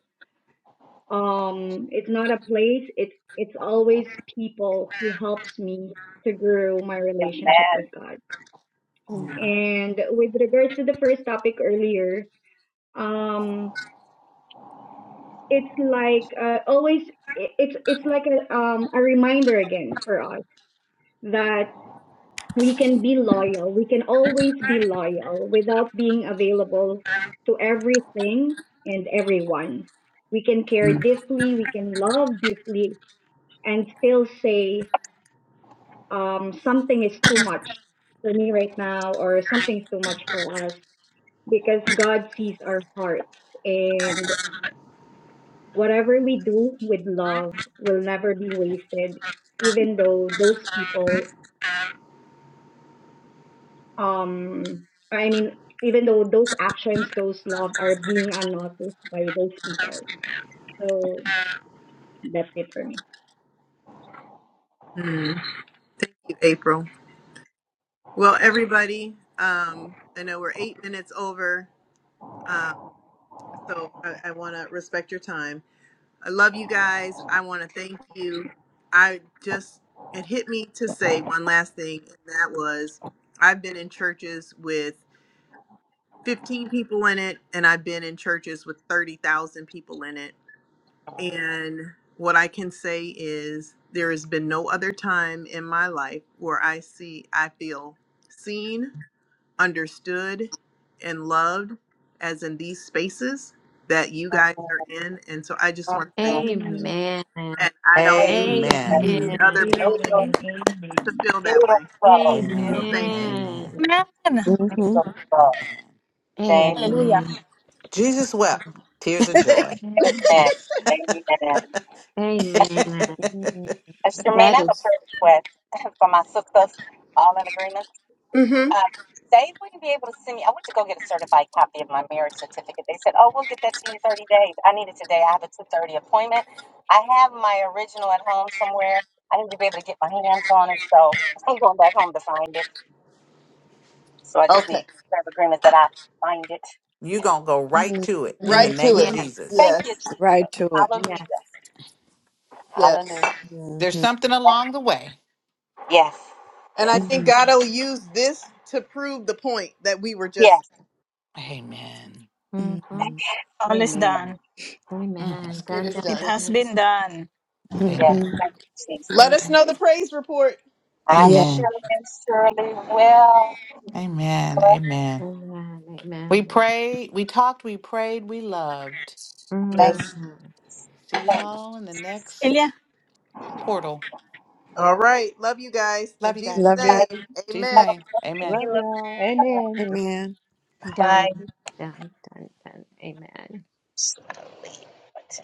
[SPEAKER 5] um, it's not a place. It's it's always people who helps me to grow my
[SPEAKER 6] Amen.
[SPEAKER 5] relationship with God.
[SPEAKER 3] mm,
[SPEAKER 5] And with regards to the first topic earlier, um it's like uh, always i- it's it's like a um a reminder again for us that we can be loyal we can always be loyal without being available to everything and everyone we can care deeply we can love deeply and still say um something is too much for me right now or something's too much for us because god sees our hearts and. Whatever we do with love will never be wasted, even though those people, um, I mean, even though those actions, those love are being unnoticed by those people. So that's it for me.
[SPEAKER 1] Mhm. Thank you, April. Well, everybody, um, I know we're eight minutes over, uh, so I, I want to respect your time. I love you guys. I want to thank you. I just, it hit me to say one last thing, and that was I've been in churches with 15 people in it and i've been in churches with 30,000 people in it and what i can say is there has been no other time in my life where i see i feel seen understood and loved as in these spaces that you
[SPEAKER 6] Mhm.
[SPEAKER 1] guys are in and so i just want to say
[SPEAKER 6] Mhm.
[SPEAKER 1] thank you
[SPEAKER 5] Amen.
[SPEAKER 1] and i
[SPEAKER 4] Amen. Amen. Mhm. Amen.
[SPEAKER 1] don't need
[SPEAKER 4] Amen.
[SPEAKER 2] Amen.
[SPEAKER 1] any
[SPEAKER 3] Mm,
[SPEAKER 1] other
[SPEAKER 5] Amen.
[SPEAKER 6] Amen.
[SPEAKER 1] building to
[SPEAKER 5] Amen.
[SPEAKER 1] feel that way
[SPEAKER 6] Beautiful,
[SPEAKER 1] so
[SPEAKER 6] beautiful.
[SPEAKER 3] mm, mm,
[SPEAKER 2] Amen.
[SPEAKER 1] thank you
[SPEAKER 2] Amen.
[SPEAKER 8] Amen.
[SPEAKER 3] mhm,
[SPEAKER 2] Amen.
[SPEAKER 7] And
[SPEAKER 6] Thank
[SPEAKER 4] Amen.
[SPEAKER 6] you.
[SPEAKER 8] Hallelujah.
[SPEAKER 4] Amen.
[SPEAKER 2] Jesus wept tears of
[SPEAKER 3] *laughs*
[SPEAKER 2] joy.
[SPEAKER 5] Amen.
[SPEAKER 6] Amen. Amen.
[SPEAKER 4] Amen.
[SPEAKER 3] mm,
[SPEAKER 6] Mr. Maine, I
[SPEAKER 4] That
[SPEAKER 6] have a
[SPEAKER 4] is
[SPEAKER 6] prayer request *laughs* for my sisters, all in agreement.
[SPEAKER 1] Mm-hmm.
[SPEAKER 6] Uh, Dave, will you be able to send me? I went to go get a certified copy of my marriage certificate. They said, oh, we'll get that to you in 30 days. I need it today. I have a 2.30 appointment. I have my original at home somewhere. I need to be able to get my hands on it, so *laughs* I'm going back home to find it. So I just
[SPEAKER 1] Okay.
[SPEAKER 6] need prayer of agreement that I find it.
[SPEAKER 2] you going to go right
[SPEAKER 3] mm,
[SPEAKER 2] to it in the
[SPEAKER 1] Right to
[SPEAKER 2] name of
[SPEAKER 3] mm,
[SPEAKER 1] it.
[SPEAKER 3] *laughs*
[SPEAKER 4] Yes,
[SPEAKER 6] Thank
[SPEAKER 2] Jesus.
[SPEAKER 1] Yes.
[SPEAKER 6] you, Jesus.
[SPEAKER 3] Right to it.
[SPEAKER 4] yes.
[SPEAKER 6] Hallelujah.
[SPEAKER 1] Yes.
[SPEAKER 6] Hallelujah.
[SPEAKER 2] There's
[SPEAKER 3] Mhm,
[SPEAKER 2] something along the way.
[SPEAKER 6] Yes,
[SPEAKER 1] And
[SPEAKER 6] yes,
[SPEAKER 1] I think
[SPEAKER 3] mm,
[SPEAKER 1] God will use this to prove the point that we were just,
[SPEAKER 6] yes,
[SPEAKER 2] Amen.
[SPEAKER 3] mm,
[SPEAKER 4] Mm-hmm.
[SPEAKER 3] mm.
[SPEAKER 8] All is
[SPEAKER 7] Amen.
[SPEAKER 8] done.
[SPEAKER 2] Mm, that's
[SPEAKER 4] Amen.
[SPEAKER 2] good.
[SPEAKER 1] it
[SPEAKER 4] Dun,
[SPEAKER 1] is
[SPEAKER 4] dun,
[SPEAKER 8] It
[SPEAKER 1] done.
[SPEAKER 8] has
[SPEAKER 4] dun.
[SPEAKER 8] been done.
[SPEAKER 6] yes.
[SPEAKER 2] Amen.
[SPEAKER 3] mhm.
[SPEAKER 6] Thank you,
[SPEAKER 1] Let
[SPEAKER 6] Jesus.
[SPEAKER 1] us
[SPEAKER 4] Amen.
[SPEAKER 1] know the praise report.
[SPEAKER 6] I
[SPEAKER 3] Yeah.
[SPEAKER 6] sure
[SPEAKER 2] Amen.
[SPEAKER 6] and surely will.
[SPEAKER 2] Amen. Amen.
[SPEAKER 4] Amen.
[SPEAKER 2] We
[SPEAKER 4] Amen.
[SPEAKER 2] prayed, we talked, we prayed, we loved.
[SPEAKER 6] Thank you,
[SPEAKER 1] Yes.
[SPEAKER 4] Mm-hmm.
[SPEAKER 2] See
[SPEAKER 6] thank you.
[SPEAKER 2] y'all in the
[SPEAKER 8] It
[SPEAKER 2] next portal.
[SPEAKER 1] All right. Love you guys. In
[SPEAKER 2] Love you
[SPEAKER 1] Jesus'
[SPEAKER 2] guys.
[SPEAKER 3] Love you.
[SPEAKER 6] I
[SPEAKER 1] name,
[SPEAKER 2] In Jesus'
[SPEAKER 6] have
[SPEAKER 1] amen.
[SPEAKER 6] a
[SPEAKER 2] name. Amen.
[SPEAKER 7] Love
[SPEAKER 6] perfume of
[SPEAKER 7] y'all.
[SPEAKER 6] God
[SPEAKER 7] Amen.
[SPEAKER 3] Amen.
[SPEAKER 6] by
[SPEAKER 4] Done.
[SPEAKER 6] you
[SPEAKER 4] Done. Done. Done. Amen.
[SPEAKER 6] slowly.